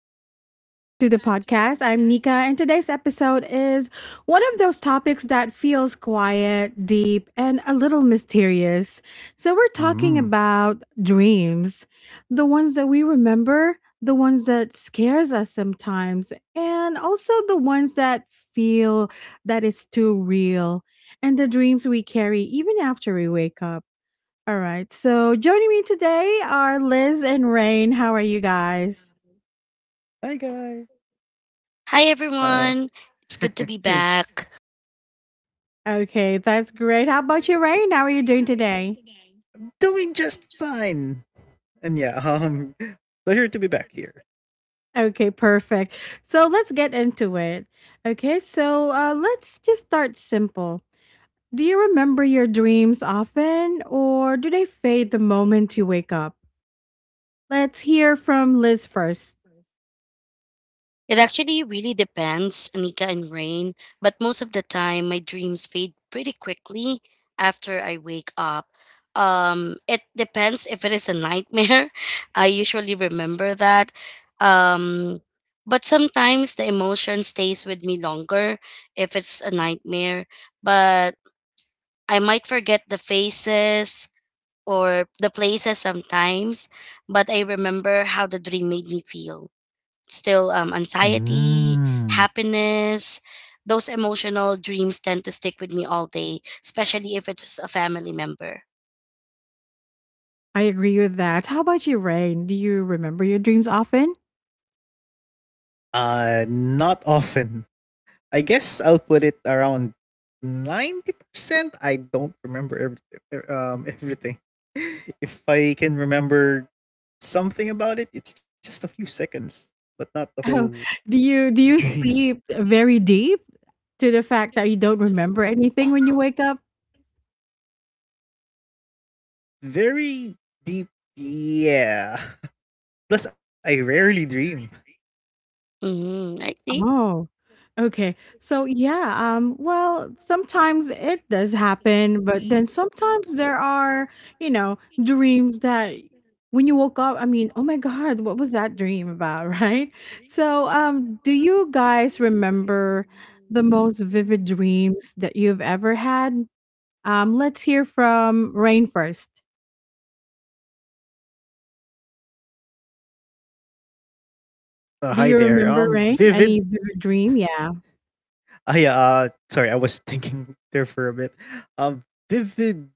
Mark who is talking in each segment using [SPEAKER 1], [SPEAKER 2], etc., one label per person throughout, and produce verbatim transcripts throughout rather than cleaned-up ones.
[SPEAKER 1] and welcome back to the podcast. I'm Nika, and today's episode is one of those topics that feels quiet, deep, and a little mysterious. So, we're talking
[SPEAKER 2] Mm.
[SPEAKER 1] about dreams, the ones that we remember, the ones that scares us sometimes, and also the ones that feel that it's too real, and the dreams we carry even after we wake up. All right. So joining me today are Liz and Rain. How are you guys?
[SPEAKER 2] Hi guys.
[SPEAKER 3] Hi
[SPEAKER 2] Uh
[SPEAKER 3] everyone. It's good to be back.
[SPEAKER 1] Okay, that's great. How about you, Rain? How are you doing today?
[SPEAKER 2] doing just fine. And yeah, um pleasure to be back here.
[SPEAKER 1] Okay, perfect. So let's get into it. Okay, so uh, let's just start simple. Do you remember your dreams often, or do they fade the moment you wake up? Let's hear from Liz first.
[SPEAKER 3] It actually really depends, Anika and Rain, but most of the time my dreams fade pretty quickly after I wake up. Um it depends if it is a nightmare. I usually remember that. Um but sometimes the emotion stays with me longer if it's a nightmare, but I might forget the faces, or the places sometimes, but I remember how the dream made me feel. Still, um, anxiety,
[SPEAKER 2] Mm.
[SPEAKER 3] happiness, those emotional dreams tend to stick with me all day, especially if it's a family member.
[SPEAKER 1] I agree with that. How about you, Rain? Do you remember your dreams often?
[SPEAKER 2] Uh not often. I guess I'll put it around ninety percent. I don't remember everything um everything. If I can remember something about it, it's just a few seconds, but not the whole
[SPEAKER 1] Oh, do you do you
[SPEAKER 2] dream.
[SPEAKER 1] sleep very deep to the fact that you don't remember anything when you wake up?
[SPEAKER 2] Very deep. Yeah. Plus I rarely dream.
[SPEAKER 3] Mm-hmm. I see.
[SPEAKER 1] Oh, okay. So yeah, um, well, sometimes it does happen, but then sometimes there are, you know, dreams that when you woke up, I mean, oh my God, what was that dream about, right? So, um, do you guys remember the most vivid dreams that you've ever had? Um, let's hear from Rain first.
[SPEAKER 2] Uh, uh,
[SPEAKER 1] Do
[SPEAKER 2] Hi
[SPEAKER 1] you
[SPEAKER 2] there.
[SPEAKER 1] remember
[SPEAKER 2] Um,
[SPEAKER 1] rain? Any
[SPEAKER 2] Vivid.
[SPEAKER 1] vivid dream? Yeah.
[SPEAKER 2] Uh, yeah, uh, sorry, I was thinking there for a bit. Um, Vivid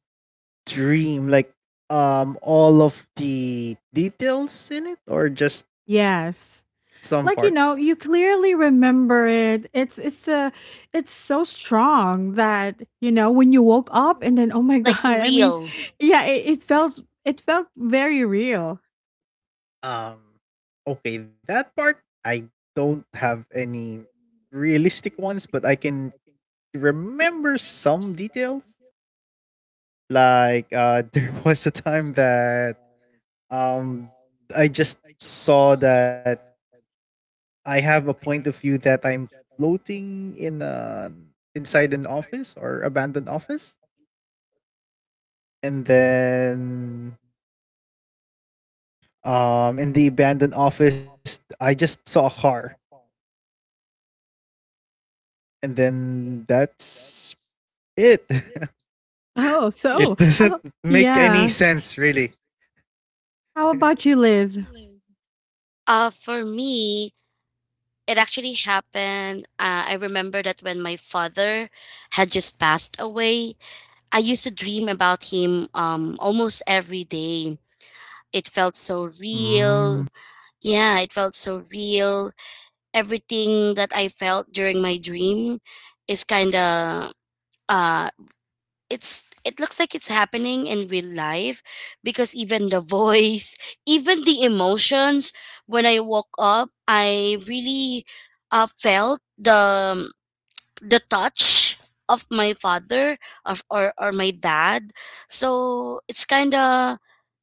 [SPEAKER 2] dream, like, um, all of the details in it or just
[SPEAKER 1] Yes.
[SPEAKER 2] some
[SPEAKER 1] Like,
[SPEAKER 2] parts?
[SPEAKER 1] you know, you clearly remember it. It's it's a it's so strong that, you know, when you woke up and then oh my god,
[SPEAKER 3] Like
[SPEAKER 1] I mean,
[SPEAKER 3] real.
[SPEAKER 1] yeah, it, it felt, it felt very real.
[SPEAKER 2] Um, okay, that part, I don't have any realistic ones, but I can remember some details. Like, uh, there was a time that, um, I just saw that I have a point of view that I'm floating in a inside an office or abandoned office, and then um in the abandoned office I just saw a car, and then that's it.
[SPEAKER 1] Oh, so
[SPEAKER 2] It
[SPEAKER 3] See?
[SPEAKER 2] doesn't
[SPEAKER 1] how
[SPEAKER 2] make any
[SPEAKER 1] yeah.
[SPEAKER 2] sense really.
[SPEAKER 1] How about you, Liz?
[SPEAKER 3] Uh, for me, it actually happened. Uh, I remember that when my father had just passed away, I used to dream about him um, almost every day. It felt so real.
[SPEAKER 2] Mm.
[SPEAKER 3] Yeah, it felt so real. Everything that I felt during my dream is kind of uh it's it looks like it's happening in real life because even the voice, even the emotions when I woke up, I really uh, felt the the touch of my father of or, or my dad, so it's kind of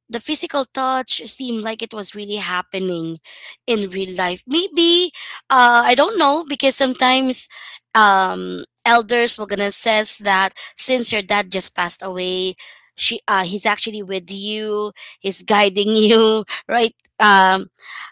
[SPEAKER 3] the physical touch seemed like it was really happening in real life. Maybe uh, I don't know because sometimes um, elders will gonna says that since your dad just passed away, she uh, he's actually with you, he's guiding you, right? Um,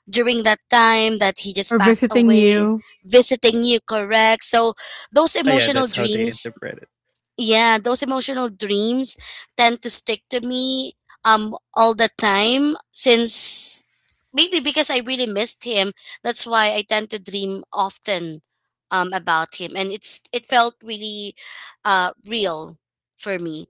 [SPEAKER 3] during that time that he just
[SPEAKER 1] Or
[SPEAKER 3] passed
[SPEAKER 1] visiting
[SPEAKER 3] away,
[SPEAKER 1] you?
[SPEAKER 3] visiting you, correct? So those
[SPEAKER 2] Ah, yeah,
[SPEAKER 3] emotional
[SPEAKER 2] that's how they
[SPEAKER 3] dreams,
[SPEAKER 2] interpret it.
[SPEAKER 3] yeah, those emotional dreams tend to stick to me um all the time since maybe because I really missed him. That's why I tend to dream often um about him, and it's it felt really uh real for me.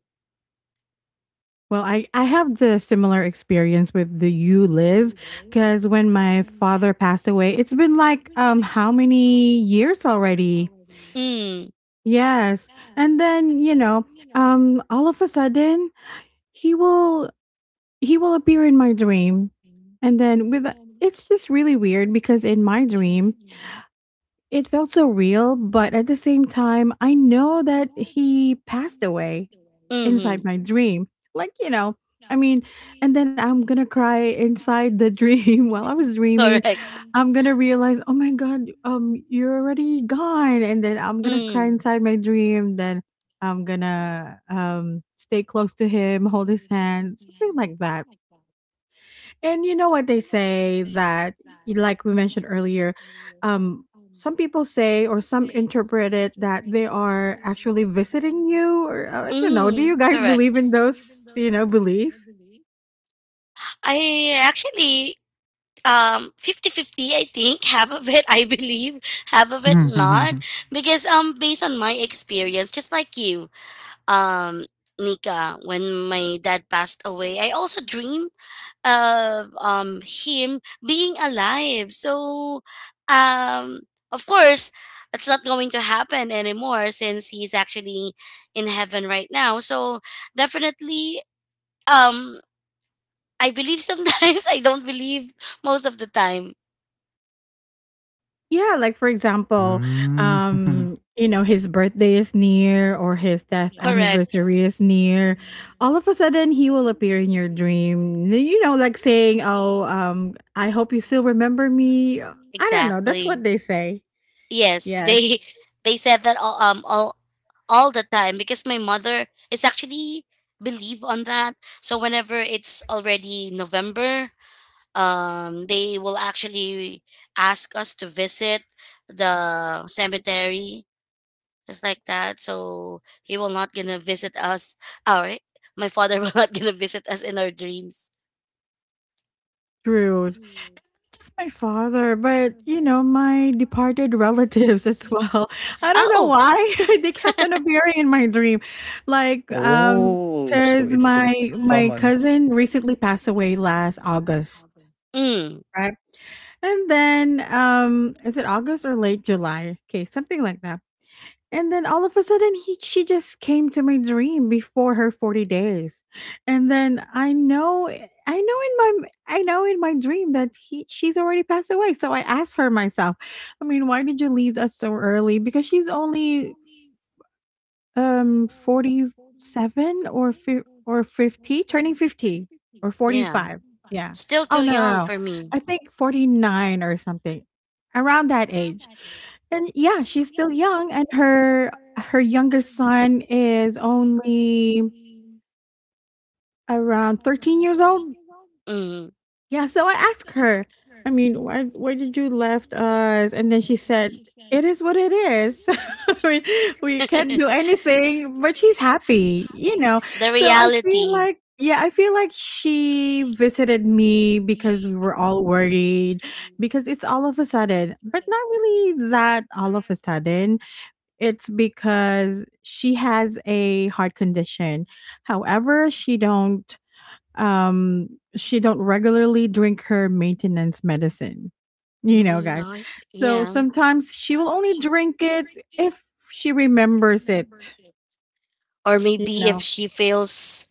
[SPEAKER 1] Well, I, I have the similar experience with the you, Liz, because when my father passed away, it's been like um how many years already?
[SPEAKER 3] Mm.
[SPEAKER 1] Yes. And then, you know, um all of a sudden he will, he will appear in my dream. And then with, it's just really weird because in my dream, it felt so real, but at the same time, I know that he passed away inside
[SPEAKER 3] Mm-hmm.
[SPEAKER 1] my dream. Like, you know, I mean, and then I'm going to cry inside the dream while I was dreaming. I'm going to realize, "Oh my god, um you're already gone." And then I'm going to cry inside my dream, then I'm going to um stay close to him, hold his hand, something like that. And you know what they say that, y- like we mentioned earlier, um, some people say or some interpret it that they are actually visiting you, or uh, I don't know. Do you
[SPEAKER 3] Mm. Do
[SPEAKER 1] guys believe in
[SPEAKER 3] you
[SPEAKER 1] those, you know, belief?
[SPEAKER 3] I actually um fifty-fifty. I think half of it I believe half of it not because um based on my experience just like you, um Nika, when my dad passed away I also dreamed of um him being alive, so um of course that's not going to happen anymore since he's actually in heaven right now. So definitely, um I believe sometimes, I don't believe most of the time.
[SPEAKER 1] Yeah, like, for example,
[SPEAKER 2] Mm.
[SPEAKER 1] um, you know, his birthday is near or his death
[SPEAKER 3] Correct.
[SPEAKER 1] anniversary is near. All of a sudden, he will appear in your dream. You know, like saying, "Oh, um, I hope you still remember me." I don't know. That's
[SPEAKER 3] Exactly.
[SPEAKER 1] what they say.
[SPEAKER 3] Yes, they
[SPEAKER 1] Yes.
[SPEAKER 3] they said that all um all all the time because my mother is actually believe on that. So whenever it's already November, um they will actually ask us to visit the cemetery, just like that. So he will not gonna visit us. All right. My father will not gonna visit us in our dreams.
[SPEAKER 1] True. Just my father, but, you know, my departed relatives as well. I don't know
[SPEAKER 3] Oh.
[SPEAKER 1] why they kept on appearing in my dream. Like, um,
[SPEAKER 2] Oh,
[SPEAKER 1] cause
[SPEAKER 2] so it's an
[SPEAKER 1] my my
[SPEAKER 2] common.
[SPEAKER 1] cousin recently passed away last August,
[SPEAKER 3] Mm.
[SPEAKER 1] right? And then, um, is it August or late July? Okay, something like that. And then all of a sudden he she just came to my dream before her forty days. And then I know I know in my I know in my dream that he she's already passed away. So I asked her myself, I mean, why did you leave us so early? Because she's only um, forty-seven or fif or fifty? Turning fifty or
[SPEAKER 3] Yeah.
[SPEAKER 1] forty-five. Yeah.
[SPEAKER 3] Still
[SPEAKER 1] Oh,
[SPEAKER 3] too
[SPEAKER 1] no, no,
[SPEAKER 3] young
[SPEAKER 1] no.
[SPEAKER 3] for me.
[SPEAKER 1] I think forty-nine or something. Around that age. And yeah, she's still young and her her youngest son is only around thirteen years old.
[SPEAKER 3] Mm.
[SPEAKER 1] Yeah, so I asked her, I mean, "Why why did you left us?" And then she said, "It is what it is. We we can't do anything," but she's happy, you know?
[SPEAKER 3] The
[SPEAKER 1] So I feel
[SPEAKER 3] reality.
[SPEAKER 1] like yeah, I feel like she visited me because we were all worried, because it's all of a sudden, but not really that all of a sudden. It's because she has a heart condition. However, she don't um she don't regularly drink her maintenance medicine, you know,
[SPEAKER 3] Mm,
[SPEAKER 1] guys,
[SPEAKER 3] I see.
[SPEAKER 1] so
[SPEAKER 3] Yeah.
[SPEAKER 1] sometimes she will only drink it if she remembers it,
[SPEAKER 3] Or
[SPEAKER 1] you
[SPEAKER 3] maybe if
[SPEAKER 1] know.
[SPEAKER 3] she feels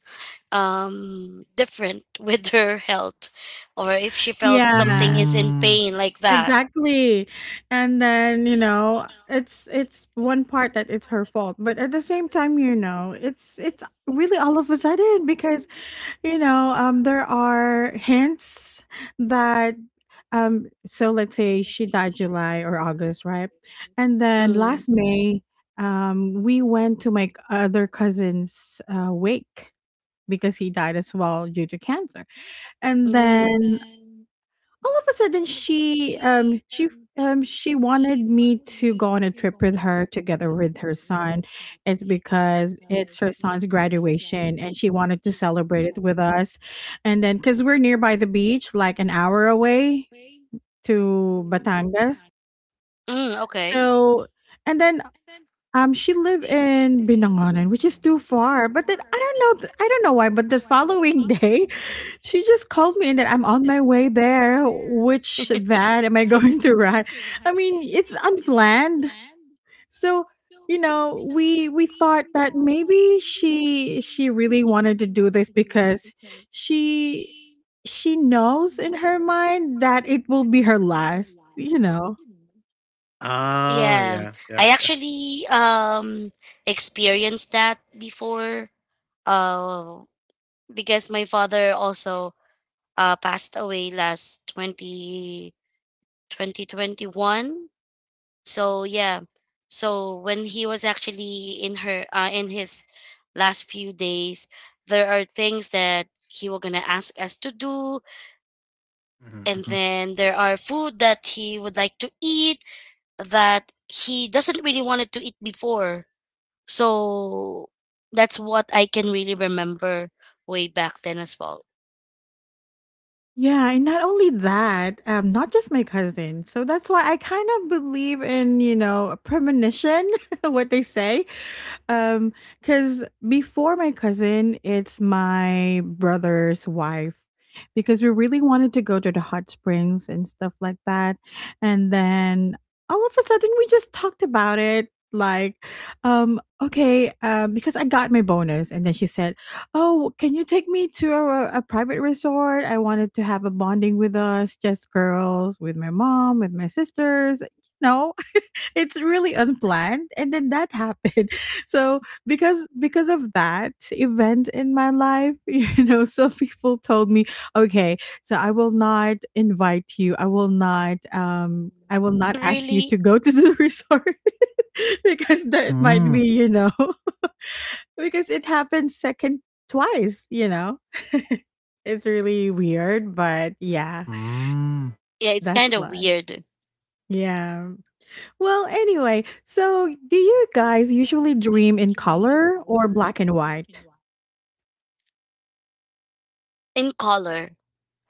[SPEAKER 3] um different with her health, or if she felt something
[SPEAKER 1] Yeah,
[SPEAKER 3] is in
[SPEAKER 2] Mm.
[SPEAKER 3] pain like that.
[SPEAKER 1] exactly. And then, you know, it's it's one part that it's her fault, but at the same time, you know, it's it's really all of a sudden, because you know, um, there are hints that, um, so let's say she died July or August, right? And then
[SPEAKER 3] Mm.
[SPEAKER 1] last May, um, we went to my other cousin's uh, wake because he died as well due to cancer. And
[SPEAKER 3] Mm.
[SPEAKER 1] then all of a sudden she um she f- um she wanted me to go on a trip with her together with her son. It's because it's her son's graduation and she wanted to celebrate it with us, and then because we're nearby the beach like an hour away, to batangas.
[SPEAKER 3] Mm, okay.
[SPEAKER 1] So, and then um, she lived in Binangonan, which is too far. But then I don't know, th- I don't know why. But the following day, she just called me and that I'm on my way there. Which van am I going to ride? I mean, it's unplanned. So, you know, we we thought that maybe she she really wanted to do this because she she knows in her mind that it will be her last. You know.
[SPEAKER 2] Ah,
[SPEAKER 3] Yeah.
[SPEAKER 2] yeah, yeah,
[SPEAKER 3] I
[SPEAKER 2] yeah.
[SPEAKER 3] actually um experienced that before uh because my father also uh passed away last 20 twenty twenty-one. So yeah. So when he was actually in her uh, in his last few days, there are things that he was gonna ask us to do,
[SPEAKER 2] Mhm,
[SPEAKER 3] and
[SPEAKER 2] mhm.
[SPEAKER 3] then there are food that he would like to eat that he doesn't really wanted to eat before. So that's what I can really remember way back then as well.
[SPEAKER 1] Yeah, and not only that, um, not just my cousin. So that's why I kind of believe in, you know, premonition, what they say. Um, because before my cousin, it's my brother's wife. Because we really wanted to go to the hot springs and stuff like that. And then all of a sudden we just talked about it. Like, um, okay, uh, because I got my bonus. And then she said, Oh, can you take me to a, a private resort? I wanted to have a bonding with us, just girls, with my mom, with my sisters. You know, it's really unplanned and then that happened. So because because of that event in my life, you know, some people told me, okay, so I will not invite you, I will not um I will not ask you
[SPEAKER 3] Really,
[SPEAKER 1] to go to the resort, because that might
[SPEAKER 2] Hmm.
[SPEAKER 1] be, you know, because it happened second twice, you know. It's really weird, but yeah,
[SPEAKER 2] Mm.
[SPEAKER 3] yeah, it's
[SPEAKER 1] that's
[SPEAKER 3] kind of
[SPEAKER 1] life.
[SPEAKER 3] weird.
[SPEAKER 1] Yeah, well, anyway, so do you guys usually dream in color or black and white?
[SPEAKER 3] In color.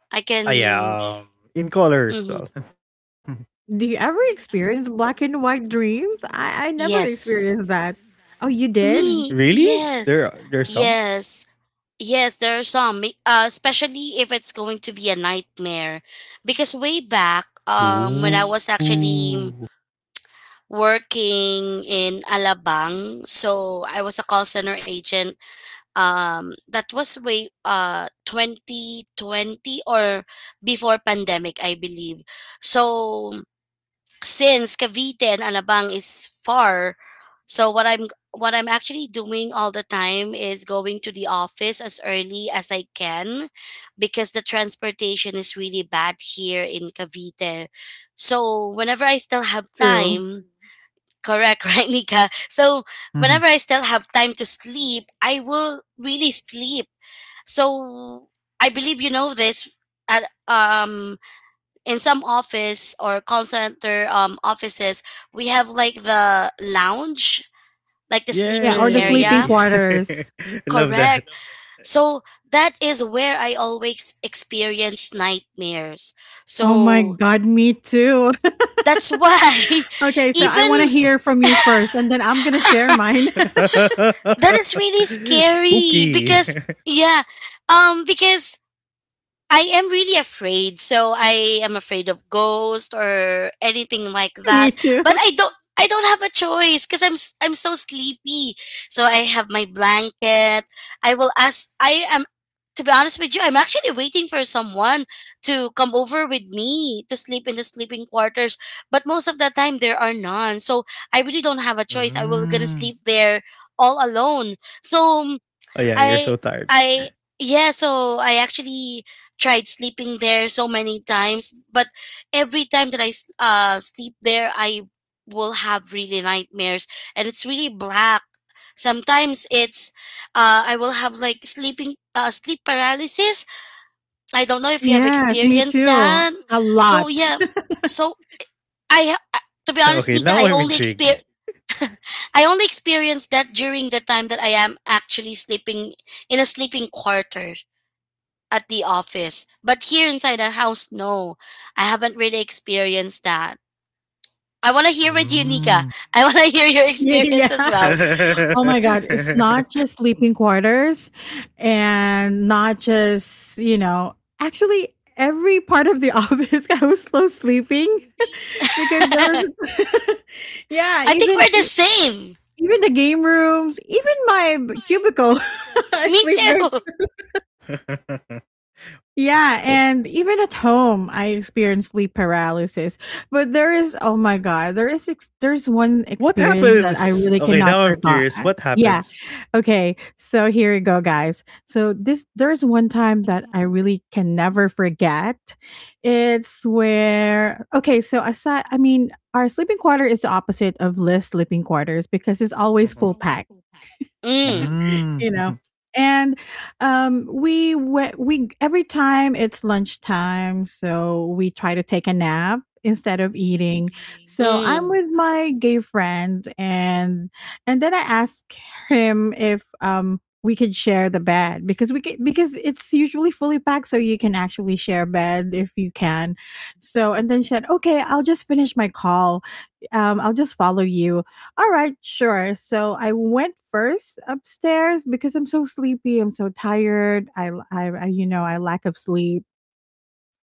[SPEAKER 3] I
[SPEAKER 2] Ah,
[SPEAKER 3] can,
[SPEAKER 2] yeah, um, in colors,
[SPEAKER 3] mhm.
[SPEAKER 2] well.
[SPEAKER 1] Do you ever experience black and white dreams? I I never
[SPEAKER 3] Yes.
[SPEAKER 1] experienced that. Oh, you
[SPEAKER 2] Really?
[SPEAKER 1] did?
[SPEAKER 3] Me,
[SPEAKER 2] Really? There
[SPEAKER 3] yes,
[SPEAKER 2] are- there's some?
[SPEAKER 3] yes, yes. There are some, me- uh, especially if it's going to be a nightmare, because way back, um, when I was
[SPEAKER 2] Ooh.
[SPEAKER 3] actually working in Alabang. So I was a call center agent. Um, that was way uh two thousand twenty or before pandemic, I believe. So since Cavite and Alabang is far, so what I'm what I'm actually doing all the time is going to the office as early as I can because the transportation is really bad here in Cavite. So whenever I still have
[SPEAKER 1] True.
[SPEAKER 3] time, correct, right, Nika? So
[SPEAKER 2] Mhm.
[SPEAKER 3] whenever I still have time to sleep, I will really sleep. So I believe you know this. At, um in some office or call center um offices, we have like the lounge, like the
[SPEAKER 1] Yeah,
[SPEAKER 3] sleeping
[SPEAKER 1] or the sleeping
[SPEAKER 3] area.
[SPEAKER 2] Yay!
[SPEAKER 1] quarters.
[SPEAKER 2] Love that.
[SPEAKER 3] Correct, so that is where I always experience nightmares.
[SPEAKER 1] Oh my
[SPEAKER 3] So
[SPEAKER 1] god, me too.
[SPEAKER 3] that's why,
[SPEAKER 1] Okay, so I want to
[SPEAKER 3] even,
[SPEAKER 2] Oh.
[SPEAKER 1] hear from you first and then I'm going to share mine.
[SPEAKER 3] that is really scary
[SPEAKER 2] Spooky.
[SPEAKER 3] because, yeah, um because I am really afraid. So I am afraid of ghosts or anything like
[SPEAKER 1] Me
[SPEAKER 3] that.
[SPEAKER 1] too.
[SPEAKER 3] But I don't I don't have a choice because I'm s- I'm so sleepy. So I have my blanket. I will ask I am to be honest with you, I'm actually waiting for someone to come over with me to sleep in the sleeping quarters. But most of the time there are none. So I really don't have a choice. I will gonna
[SPEAKER 2] Mm.
[SPEAKER 3] sleep there all alone. So
[SPEAKER 2] Oh yeah, you're
[SPEAKER 3] I
[SPEAKER 2] so tired.
[SPEAKER 3] I yeah, so I actually tried sleeping there so many times, but every time that I s- uh sleep there, I will have really nightmares and it's really black. Sometimes it's uh I will have like sleeping uh sleep paralysis. I don't know if you have
[SPEAKER 1] Yes, me
[SPEAKER 3] experienced
[SPEAKER 1] too.
[SPEAKER 3] that. Oh,
[SPEAKER 1] A
[SPEAKER 3] so no.
[SPEAKER 1] lot.
[SPEAKER 3] Yeah, so I ha- I- to be honest,
[SPEAKER 2] Okay,
[SPEAKER 3] Nika,
[SPEAKER 2] now
[SPEAKER 3] I
[SPEAKER 2] I'm
[SPEAKER 3] only exper
[SPEAKER 2] intrigued.
[SPEAKER 3] I only experienced that during the time that I am actually sleeping in a sleeping quarter at the office. But here inside the house, no, I haven't really experienced that. I want to hear with you, Nika.
[SPEAKER 2] Mm.
[SPEAKER 3] I want to hear your experience
[SPEAKER 1] Yeah.
[SPEAKER 3] as well.
[SPEAKER 1] Oh my god, it's not just sleeping quarters and not just, you know, actually every part of the office I was so sleeping. Because there
[SPEAKER 3] I
[SPEAKER 1] was yeah,
[SPEAKER 3] think
[SPEAKER 1] even
[SPEAKER 3] we're the
[SPEAKER 1] e
[SPEAKER 3] same.
[SPEAKER 1] even the game rooms, even my b cubicle, I
[SPEAKER 3] Me
[SPEAKER 1] sleep there.
[SPEAKER 3] too.
[SPEAKER 1] Yeah,
[SPEAKER 2] Oh,
[SPEAKER 1] and even at home, I experience sleep paralysis. But there is oh my god, there is ex there's one
[SPEAKER 2] what
[SPEAKER 1] experience that I
[SPEAKER 2] happens?
[SPEAKER 1] really
[SPEAKER 2] Okay,
[SPEAKER 1] cannot
[SPEAKER 2] now I'm
[SPEAKER 1] forgot
[SPEAKER 2] curious.
[SPEAKER 1] I
[SPEAKER 2] What
[SPEAKER 1] yeah.
[SPEAKER 2] happens?
[SPEAKER 1] Okay, so here you go, guys. So this there's one time that I really can never forget. It's where okay, so aside, I mean, our sleeping quarter is the opposite of Liz's sleeping quarters because it's always
[SPEAKER 2] Mhm.
[SPEAKER 1] full packed.
[SPEAKER 3] Mm,
[SPEAKER 2] Mm.
[SPEAKER 1] You know? And, um, we went. We every time it's lunchtime, so we try to take a nap instead of eating. So I'm
[SPEAKER 3] mm.
[SPEAKER 1] with my gay friend, and and then I ask him if, um, we could share the bed because we could, because it's usually fully packed, so you can actually share bed if you can. So and then she said, "Okay, I'll just finish my call. Um, I'll just follow you." All right, sure. So I went first upstairs because I'm so sleepy. I'm so tired. I, I, I you know, I lack of sleep.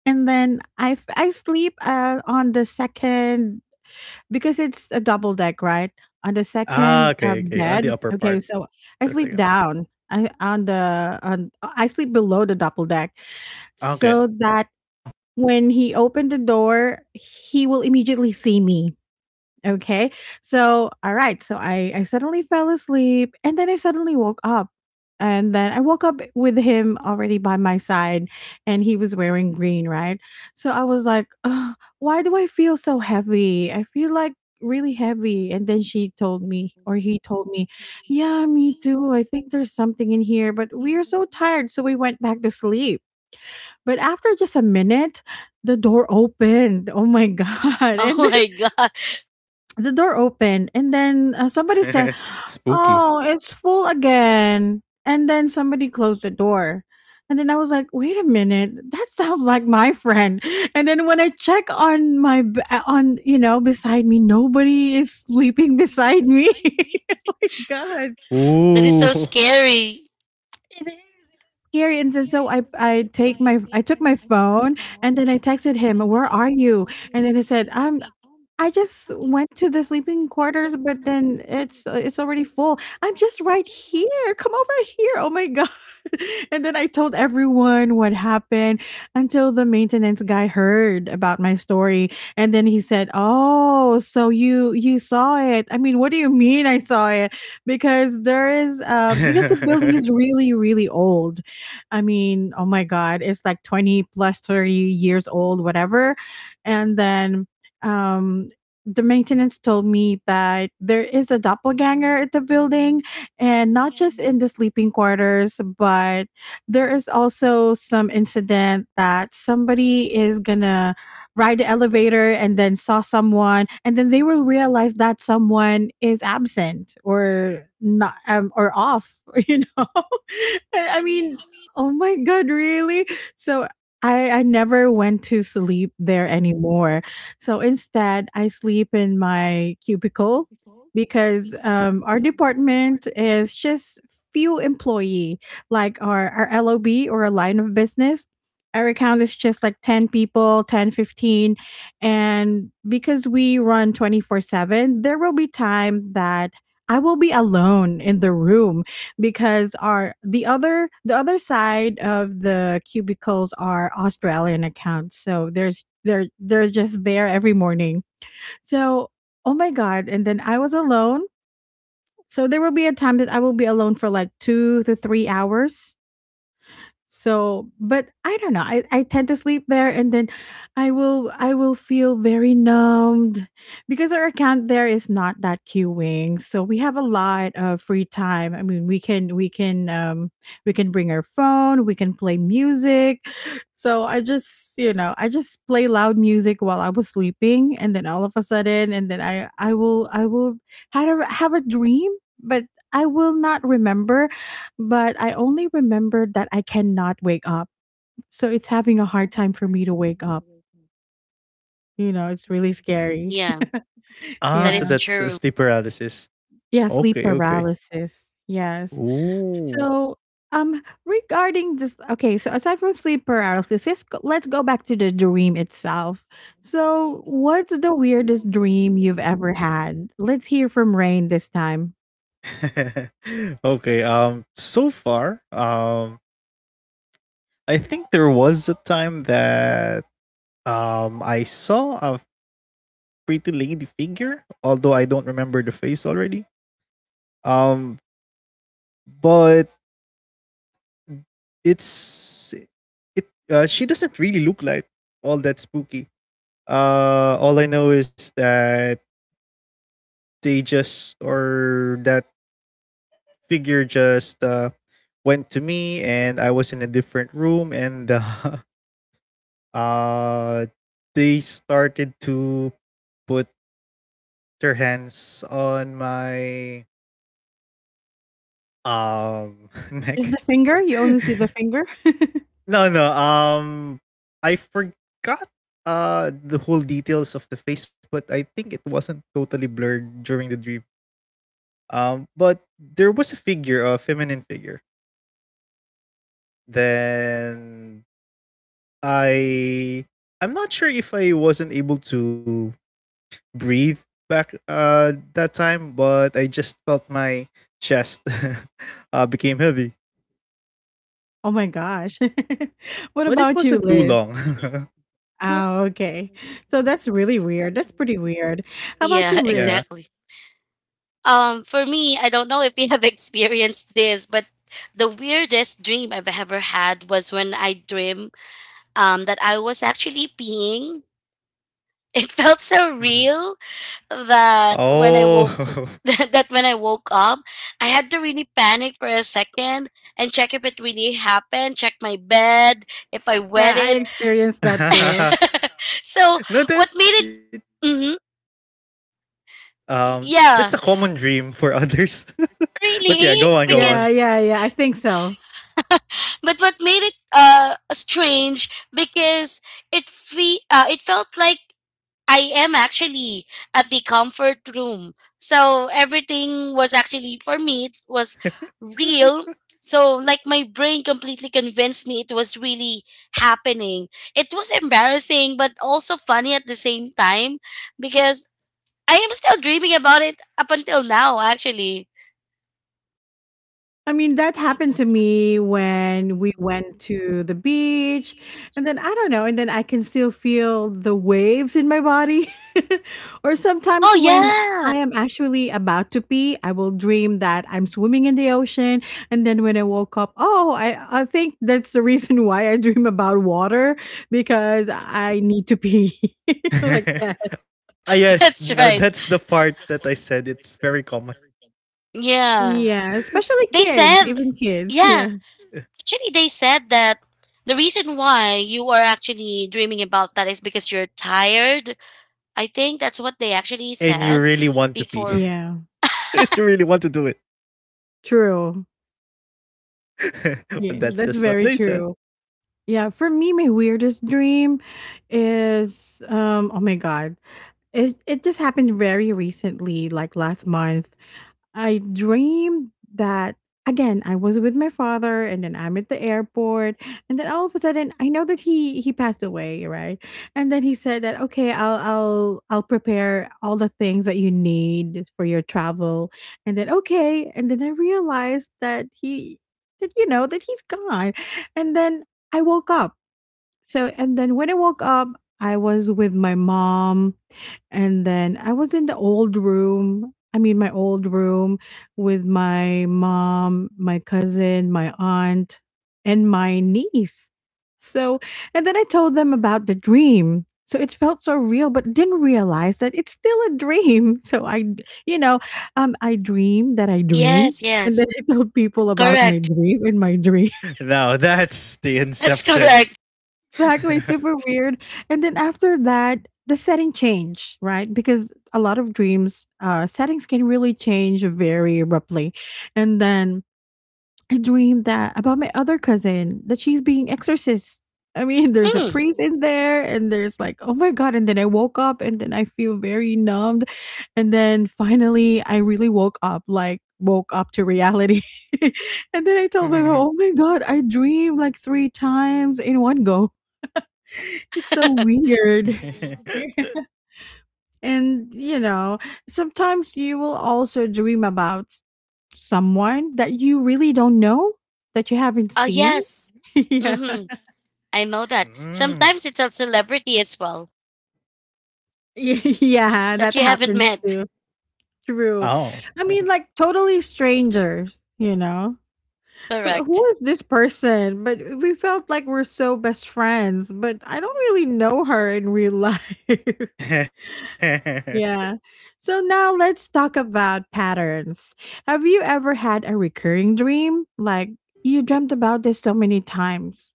[SPEAKER 1] And then I, f- I sleep uh, on the second, because it's a double deck, right? On the
[SPEAKER 2] Ah,
[SPEAKER 1] second uh,
[SPEAKER 2] okay, okay. On the
[SPEAKER 1] bed.
[SPEAKER 2] upper
[SPEAKER 1] Okay,
[SPEAKER 2] part.
[SPEAKER 1] so I
[SPEAKER 2] The
[SPEAKER 1] sleep
[SPEAKER 2] second.
[SPEAKER 1] down. I on the on I sleep below the double deck
[SPEAKER 2] Okay.
[SPEAKER 1] so that when he opened the door, he will immediately see me. Okay. So, all right. So I, I suddenly fell asleep and then I suddenly woke up. And then I woke up with him already by my side, and he was wearing green, right? So I was like, "Ugh, why do I feel so heavy? I feel like really heavy. And then she told me, or he told me, yeah, me too. I think there's something in here, but we are so tired. So we went back to sleep. But after just a minute, the door opened. Oh my God. And
[SPEAKER 3] Oh my God.
[SPEAKER 1] the door opened and then uh, somebody said,
[SPEAKER 2] Spooky.
[SPEAKER 1] "Oh, it's full again," and then somebody closed the door. And then I was like, wait a minute, that sounds like my friend. And then when I check on my b- uh, on you know beside me, nobody is sleeping beside me. Oh my god.
[SPEAKER 3] That is so
[SPEAKER 2] Ooh.
[SPEAKER 3] scary.
[SPEAKER 1] It is scary. And then so i i take my i took my phone, and then I texted him, where are you? And then he said, i'm I just went to the sleeping quarters, but then it's uh, it's already full. I'm just right here. Come over here." Oh my god. And then I told everyone what happened, until the maintenance guy heard about my story. And then he said, "Oh, so you you saw it." I mean, what do you mean I saw it? Because there is um because the building is really really old. I mean, oh my god, it's like twenty plus thirty years old, whatever. And then um the maintenance told me that there is a doppelganger at the building, and not just in the sleeping quarters, but there is also some incident that somebody is gonna ride the elevator and then saw someone, and then they will realize that someone is absent or not, um, or off. you know I mean, oh my god, really. So I, I never went to sleep there anymore. So instead, I sleep in my cubicle, because um, our department is just few employee, like our, our L O B, or a line of business. Our account is just like ten people, ten, fifteen. And because we run twenty-four seven, there will be time that I will be alone in the room, because our the other the other side of the cubicles are Australian accounts. So there's they're they're just there every morning. So oh my god! And then I was alone. So there will be a time that I will be alone for like two to three hours. So, but I don't know. I, I tend to sleep there, and then I will I will feel very numbed, because our account there is not that queuing. So we have a lot of free time. I mean, we can we can um we can bring our phone, we can play music. So I just, you know, I just play loud music while I was sleeping, and then all of a sudden, and then I I will I will have a, have a dream, but I will not remember. But I only remembered that I cannot wake up, so it's having a hard time for me to wake up. You know, it's really scary.
[SPEAKER 3] Yeah,
[SPEAKER 2] Ah,
[SPEAKER 3] that
[SPEAKER 2] so
[SPEAKER 1] Yeah.
[SPEAKER 3] is
[SPEAKER 2] that's uh,
[SPEAKER 3] true.
[SPEAKER 2] sleep paralysis.
[SPEAKER 1] Yeah, sleep
[SPEAKER 2] Okay, okay.
[SPEAKER 1] paralysis, yes.
[SPEAKER 2] Ooh.
[SPEAKER 1] So, um, regarding this, okay, so aside from sleep paralysis, let's go let's go back to the dream itself. So, what's the weirdest dream you've ever had? Let's hear from Rain this time.
[SPEAKER 2] Okay. Um. So far, um, I think there was a time that um I saw a pretty lady figure, although I don't remember the face already. Um, but it's it uh, she doesn't really look like all that spooky. Uh all I know is that they just or that figure just uh went to me and I was in a different room and uh, uh they started to put their hands on my um
[SPEAKER 1] Is
[SPEAKER 2] neck.
[SPEAKER 1] the finger? You only see the finger?
[SPEAKER 2] No, no. Um, I forgot uh the whole details of the face, but I think it wasn't totally blurred during the dream. Um, but there was a figure, a feminine figure. Then I, I'm not sure if I wasn't able to breathe back uh that time, but I just felt my chest uh became heavy.
[SPEAKER 1] Oh my gosh. What
[SPEAKER 2] But it
[SPEAKER 1] about you,
[SPEAKER 2] wasn't too
[SPEAKER 1] Liz?
[SPEAKER 2] long.
[SPEAKER 1] Oh, okay. So that's really weird. That's pretty weird. How about
[SPEAKER 3] Yeah,
[SPEAKER 1] you,
[SPEAKER 2] Yeah.
[SPEAKER 1] Liz?
[SPEAKER 3] exactly. um for me, I don't know if you have experienced this, but the weirdest dream I've ever had was when I dream um that I was actually peeing. It felt so
[SPEAKER 2] Mhm.
[SPEAKER 3] real that when I woke
[SPEAKER 2] Oh.
[SPEAKER 3] that when I woke up, I had to really panic for a second and check if it really happened, check my bed if I wet
[SPEAKER 1] Yeah, I
[SPEAKER 3] it.
[SPEAKER 1] experienced that too.
[SPEAKER 3] So
[SPEAKER 2] No,
[SPEAKER 3] what
[SPEAKER 2] that
[SPEAKER 3] made it,
[SPEAKER 2] it,
[SPEAKER 3] hmm,
[SPEAKER 2] um that's a
[SPEAKER 3] yeah,
[SPEAKER 2] common dream for others. But yeah,
[SPEAKER 3] really
[SPEAKER 2] go on, go
[SPEAKER 1] Yeah,
[SPEAKER 3] because,
[SPEAKER 2] on.
[SPEAKER 1] yeah, yeah. I think so.
[SPEAKER 3] but what made it uh strange because it fe- uh, it felt like I am actually at the comfort room. So everything was actually for me, it was real. So like my brain completely convinced me it was really happening. It was embarrassing but also funny at the same time because I am still dreaming about it up until now actually.
[SPEAKER 1] I mean, that happened to me when we went to the beach. And then I don't know, and then I can still feel the waves in my body. Or sometimes
[SPEAKER 3] Oh
[SPEAKER 1] when
[SPEAKER 3] yeah.
[SPEAKER 1] I am actually about to pee, I will dream that I'm swimming in the ocean. And then when I woke up, oh, I, I think that's the reason why I dream about water, because I need to pee like that.
[SPEAKER 2] Ah, yes,
[SPEAKER 3] That's
[SPEAKER 2] no,
[SPEAKER 3] right.
[SPEAKER 2] that's the part that I said it's very common.
[SPEAKER 3] Yeah.
[SPEAKER 1] Yeah, especially
[SPEAKER 3] They
[SPEAKER 1] kids,
[SPEAKER 3] said,
[SPEAKER 1] even kids.
[SPEAKER 3] yeah,
[SPEAKER 1] Yeah.
[SPEAKER 3] actually, they said that the reason why you are actually dreaming about that is because you're tired. I think that's what they actually
[SPEAKER 2] And you
[SPEAKER 3] said
[SPEAKER 2] really want to pee.
[SPEAKER 3] before.
[SPEAKER 1] Yeah.
[SPEAKER 2] You really want to do it.
[SPEAKER 1] True. Yeah,
[SPEAKER 2] But
[SPEAKER 1] that's
[SPEAKER 2] that's
[SPEAKER 1] very
[SPEAKER 2] just what they
[SPEAKER 1] true.
[SPEAKER 2] said.
[SPEAKER 1] Yeah, for me, my weirdest dream is um oh my god. It it just happened very recently, like last month. I dreamed that, again, I was with my father, and then I'm at the airport, and then all of a sudden I know that he he passed away, right? And then he said that, okay, I'll I'll I'll prepare all the things that you need for your travel. And then okay, and then I realized that he, that, you know, that he's gone. And then I woke up. So, and then when I woke up, I was with my mom. And then I was in the old room. I mean, my old room, with my mom, my cousin, my aunt, and my niece. So, and then I told them about the dream. So it felt so real, but didn't realize that it's still a dream. So I, d- you know, um, I dreamed that I dreamed.
[SPEAKER 3] Yes,
[SPEAKER 1] And
[SPEAKER 3] yes.
[SPEAKER 1] then I told people about my
[SPEAKER 3] Correct.
[SPEAKER 1] dream and my dream.
[SPEAKER 2] Now that's the
[SPEAKER 3] That's correct.
[SPEAKER 2] inception.
[SPEAKER 1] Exactly, it's super weird. And then after that, the setting changed, right? Because a lot of dreams, uh, settings can really change very abruptly. And then I dreamed that about my other cousin, that she's being exorcist. I mean, there's a
[SPEAKER 3] Mm.
[SPEAKER 1] priest in there, and there's like, oh my god! And then I woke up, and then I feel very numbed, and then finally I really woke up, like woke up to reality. And then I told my mom,
[SPEAKER 2] Mm.
[SPEAKER 1] oh my god, I dreamed like three times in one go, it's so weird. And you know, sometimes you will also dream about someone that you really don't know, that you haven't
[SPEAKER 3] Uh,
[SPEAKER 1] seen.
[SPEAKER 3] yes.
[SPEAKER 1] Yeah.
[SPEAKER 3] Mm-hmm. I know that. Sometimes it's a celebrity as well
[SPEAKER 1] Yeah,
[SPEAKER 3] that
[SPEAKER 1] that
[SPEAKER 3] you haven't
[SPEAKER 1] happens
[SPEAKER 3] met.
[SPEAKER 1] too. True.
[SPEAKER 2] Oh.
[SPEAKER 1] I mean, like totally strangers, you know? So
[SPEAKER 3] Correct.
[SPEAKER 1] who is this person? But we felt like we're so best friends, but I don't really know her in real life. Yeah. So now let's talk about patterns. Have you ever had a recurring dream? Like you dreamt about this so many times,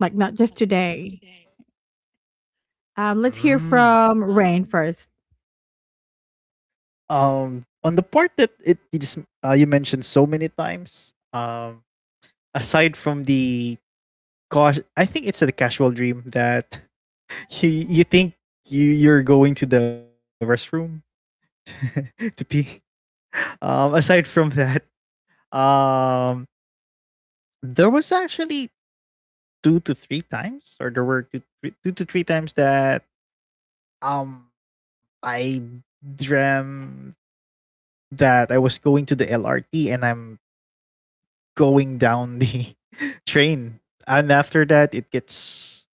[SPEAKER 1] like not just today. Um, let's hear
[SPEAKER 2] Mm.
[SPEAKER 1] from Rain first.
[SPEAKER 2] Um on the part that it you just uh, you mentioned so many times, um aside from the cause, I think it's a casual dream that you you think you you're going to the restroom to pee, um aside from that. um there was actually two to three times or there were two, three, two to three times that um I dream that I was going to the L R T and I'm going down the train. And after that, it gets.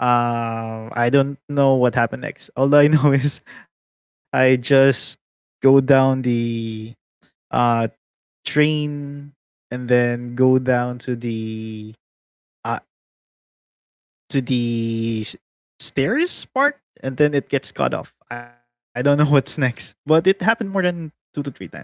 [SPEAKER 2] Uh, I don't know what happened next. All I know is I just go down the uh, train and then go down to the uh, to the s- stairs part, and then it gets cut off. I don't know what's next, but it happened more than two to three times, I guess.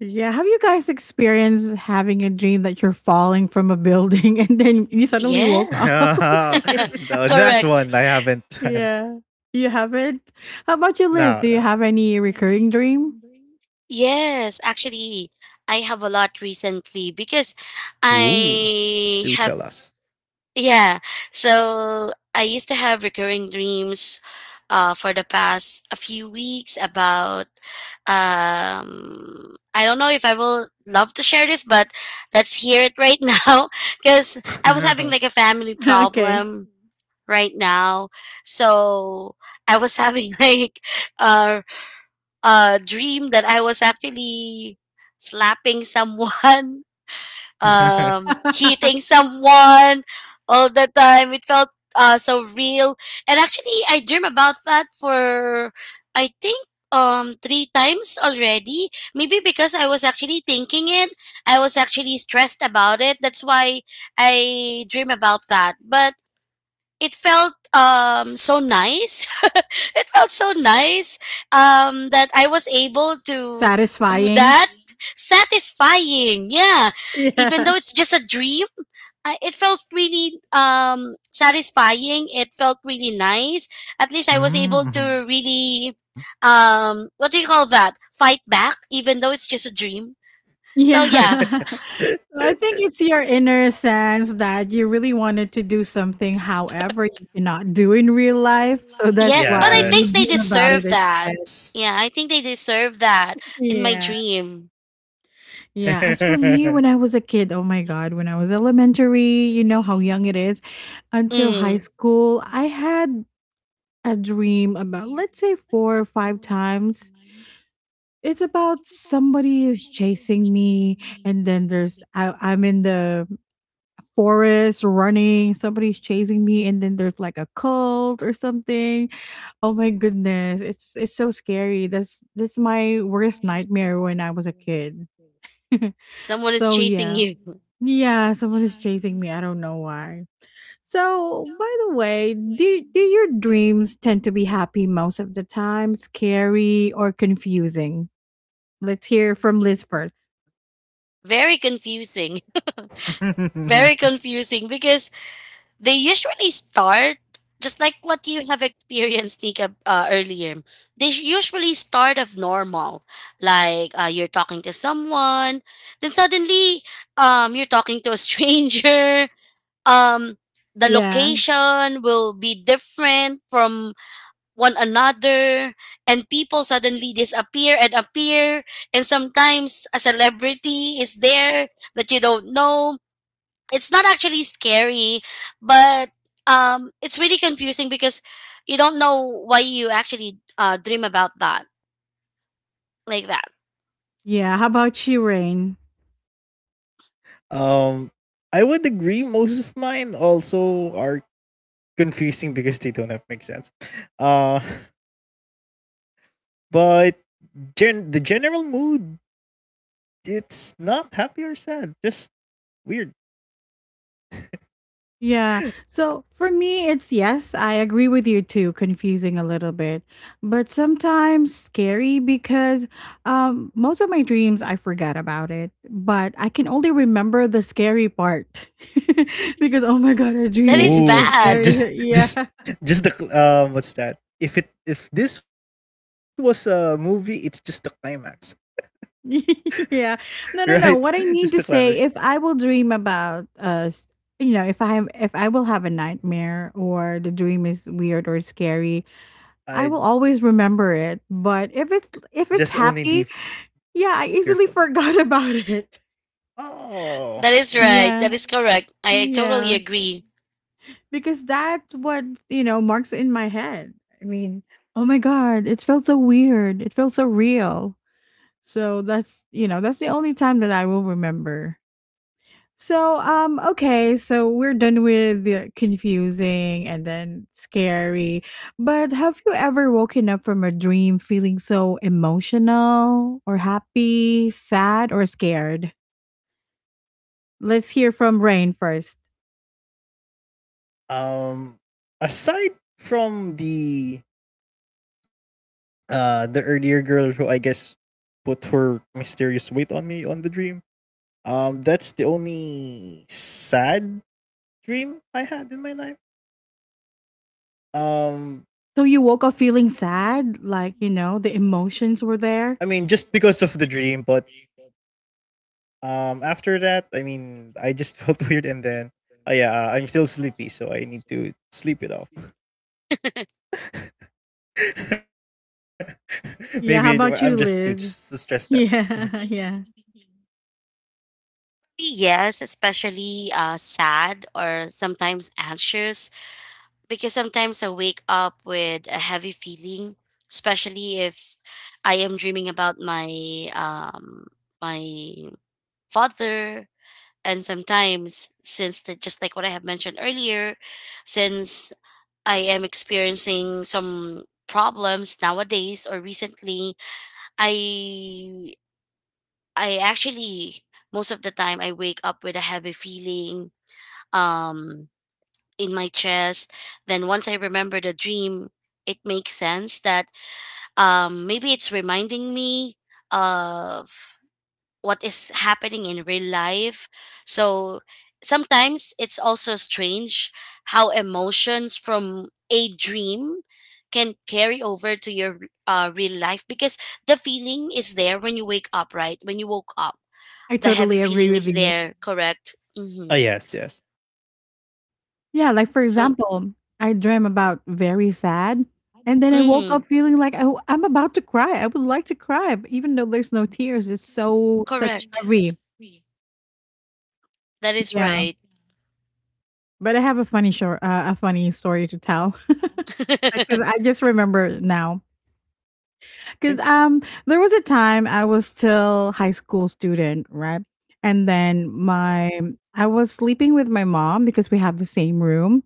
[SPEAKER 1] Yeah. Have you guys experienced having a dream that you're falling from a building and then you suddenly woke
[SPEAKER 3] Yes.
[SPEAKER 1] up?
[SPEAKER 2] No, that
[SPEAKER 3] Correct.
[SPEAKER 2] one I haven't. Done.
[SPEAKER 1] Yeah. You haven't? How about you, Liz?
[SPEAKER 2] No,
[SPEAKER 1] Do you
[SPEAKER 2] no.
[SPEAKER 1] have any recurring dream?
[SPEAKER 3] Yes, actually, I have a lot recently because
[SPEAKER 2] Ooh,
[SPEAKER 3] I
[SPEAKER 2] do
[SPEAKER 3] have,
[SPEAKER 2] tell us.
[SPEAKER 3] yeah. So I used to have recurring dreams uh, for the past a few weeks about, um, I don't know if I will love to share this, but let's hear it right now because I was having like a family
[SPEAKER 1] Okay.
[SPEAKER 3] problem right now. So I was having like, uh, uh, dream that I was actually slapping someone, um, hitting someone all the time. It felt uh, so real. And actually, I dream about that for, I think, um, three times already. Maybe because I was actually thinking it, I was actually stressed about it. That's why I dream about that. But it felt um so nice it felt so nice um that I was able to do
[SPEAKER 1] Satisfying.
[SPEAKER 3] that. Satisfying, yeah, even
[SPEAKER 1] Yeah.
[SPEAKER 3] though it's just a dream, I, it felt really um satisfying, it felt really nice. At least I was able
[SPEAKER 2] Mm-hmm.
[SPEAKER 3] to really um what do you call that, fight back even though it's just a dream. So yeah.
[SPEAKER 1] Yeah. So, I think it's your inner sense that you really wanted to do something, however, you cannot do in real life. So that's
[SPEAKER 3] Yes,
[SPEAKER 1] why
[SPEAKER 3] but I
[SPEAKER 1] you
[SPEAKER 3] think they
[SPEAKER 1] dream
[SPEAKER 2] Yes.
[SPEAKER 1] about it
[SPEAKER 3] deserve that.
[SPEAKER 1] instead.
[SPEAKER 3] Yeah, I think they deserve that in my
[SPEAKER 1] Yeah.
[SPEAKER 3] dream.
[SPEAKER 1] Yeah. As for me, when I was a kid, oh my God, when I was elementary, you know how young it is, until high
[SPEAKER 3] Mm.
[SPEAKER 1] school, I had a dream about, let's say, four or five times. It's about somebody is chasing me, and then there's I, I'm in the forest running, somebody's chasing me, and then there's like a cult or something. Oh my goodness, it's it's so scary. That's that's my worst nightmare when I was a kid.
[SPEAKER 3] Someone is
[SPEAKER 1] So
[SPEAKER 3] chasing
[SPEAKER 1] yeah.
[SPEAKER 3] you.
[SPEAKER 1] Yeah, someone is chasing me. I don't know why. So, by the way, do do your dreams tend to be happy most of the time, scary or confusing? Let's hear from Liz first.
[SPEAKER 3] Very confusing. Very confusing because they usually start just like what you have experienced, Nika, uh, earlier. They sh- usually start of normal, like uh, you're talking to someone, then suddenly um, you're talking to a stranger, um the
[SPEAKER 1] Yeah.
[SPEAKER 3] location will be different from one another, and people suddenly disappear and appear, and sometimes a celebrity is there that you don't know. It's not actually scary, but um it's really confusing because you don't know why you actually uh, dream about that like that.
[SPEAKER 1] Yeah, how about you, Rain?
[SPEAKER 2] um, I would agree. Most of mine also are confusing because they don't have make sense. Uh, but gen- the general mood, it's not happy or sad, just weird.
[SPEAKER 1] Yeah. So for me, it's yes, I agree with you too, confusing a little bit, but sometimes scary because um, most of my dreams I forget about it, but I can only remember the scary part. Because oh my God, a
[SPEAKER 3] That
[SPEAKER 1] dream
[SPEAKER 3] is
[SPEAKER 1] is
[SPEAKER 2] Ooh,
[SPEAKER 1] so
[SPEAKER 3] bad.
[SPEAKER 1] scary.
[SPEAKER 2] just
[SPEAKER 1] Yeah.
[SPEAKER 2] just just the cl- um what's that? If it if this was a movie, it's just the climax,
[SPEAKER 1] Yeah.
[SPEAKER 2] right?
[SPEAKER 1] No, no, no.
[SPEAKER 2] Just
[SPEAKER 1] What
[SPEAKER 2] the
[SPEAKER 1] I mean
[SPEAKER 2] climax.
[SPEAKER 1] to say, if I will dream about, uh, s- you know, if I am if I will have a nightmare or the dream is weird or scary,
[SPEAKER 2] I
[SPEAKER 1] I will always remember it. But
[SPEAKER 2] just
[SPEAKER 1] if it's
[SPEAKER 2] only the
[SPEAKER 1] if it's happy, yeah, I
[SPEAKER 2] fearful.
[SPEAKER 1] easily forgot about it.
[SPEAKER 2] Oh,
[SPEAKER 3] That is right,
[SPEAKER 1] Yeah.
[SPEAKER 3] that is correct, I totally
[SPEAKER 1] Yeah.
[SPEAKER 3] agree.
[SPEAKER 1] Because that's what, you know, marks in my head. I mean, oh my god, it felt so weird. It felt so real. So that's, you know, that's the only time that I will remember. So, um, okay, so we're done with the confusing and then scary. But have you ever woken up from a dream feeling so emotional or happy, sad, or scared? Let's hear from Rain first.
[SPEAKER 2] um, aside from the uh the earlier girl who I guess put her mysterious weight on me on the dream. Um, that's the only sad dream I had in my life.
[SPEAKER 1] So you
[SPEAKER 2] Um,
[SPEAKER 1] woke up feeling sad, like, you know, the emotions
[SPEAKER 2] I
[SPEAKER 1] were
[SPEAKER 2] mean,
[SPEAKER 1] there?
[SPEAKER 2] just because of the dream, but Um, after that, I mean, I just felt weird, and then, uh, yeah, uh, I'm still sleepy, so I need to sleep it off. Maybe it-
[SPEAKER 1] Yeah, how
[SPEAKER 2] well, I'm
[SPEAKER 1] about
[SPEAKER 2] just
[SPEAKER 1] you,
[SPEAKER 2] too s-
[SPEAKER 1] Liz?
[SPEAKER 2] so stressed that time. Mhm.
[SPEAKER 1] Yeah, yeah.
[SPEAKER 3] Yes, especially uh, sad or sometimes anxious, because sometimes I wake up with a heavy feeling, especially if I am dreaming about my um my father. And sometimes, since the, just like what I have mentioned earlier, since I am experiencing some problems nowadays or recently, I I actually, most of the time, I wake up with a heavy feeling um in my chest. Then once I remember the dream, it makes sense that um maybe it's reminding me of what is happening in real life. So sometimes it's also strange how emotions from a dream can carry over to your uh, real life, because the feeling is there when you wake up right when you woke up
[SPEAKER 1] I
[SPEAKER 3] the heavy
[SPEAKER 1] totally agree
[SPEAKER 3] feeling
[SPEAKER 1] with
[SPEAKER 3] is
[SPEAKER 1] you.
[SPEAKER 3] there, correct. Mm-hmm.
[SPEAKER 2] Ah, yes, yes.
[SPEAKER 1] Yeah, like for
[SPEAKER 3] So
[SPEAKER 1] example, I dream about very sad, and then
[SPEAKER 3] yeah.
[SPEAKER 1] I woke up
[SPEAKER 3] Mm.
[SPEAKER 1] feeling like, oh, I'm about to cry. I would like to cry, but even though there's no tears, it's so such
[SPEAKER 3] Correct.
[SPEAKER 1] heavy.
[SPEAKER 3] That is
[SPEAKER 1] Yeah,
[SPEAKER 3] right.
[SPEAKER 1] but I have a funny short, uh, a funny story to tell because I just remember now. Because
[SPEAKER 2] Okay.
[SPEAKER 1] um, there was a time I was still high school student, right? And then my I was sleeping with my mom because we have the same room,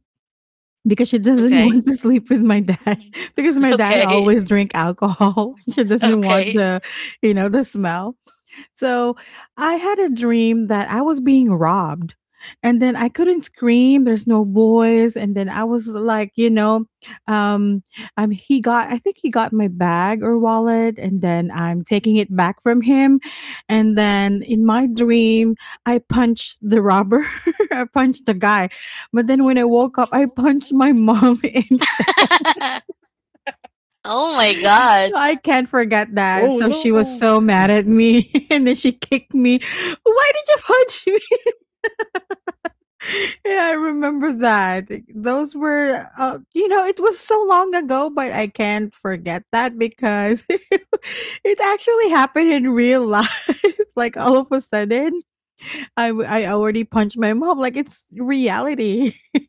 [SPEAKER 1] because she doesn't
[SPEAKER 3] Okay.
[SPEAKER 1] want to sleep with my dad because my dad
[SPEAKER 3] Okay.
[SPEAKER 1] always drink alcohol. She doesn't want
[SPEAKER 3] Okay.
[SPEAKER 1] the, you know, the smell. So I had a dream that I was being robbed. And then I couldn't scream. There's no voice. And then I was like, you know, um, um, he got, I think he got my bag or wallet. And then I'm taking it back from him. And then in my dream, I punched the robber. I punched the guy. But then when I woke up, I punched my mom instead.
[SPEAKER 3] Oh my god.
[SPEAKER 1] I can't
[SPEAKER 2] Uh,
[SPEAKER 1] forget that.
[SPEAKER 2] Oh
[SPEAKER 1] So she was
[SPEAKER 2] no.
[SPEAKER 1] so mad at me and then she kicked me. Why did you punch me? Yeah, I remember that. Those were, uh, you know, it was so long ago, but I can't forget that because it actually happened in real life. Like all of a sudden, I, w- I already punched my mom. Like it's reality.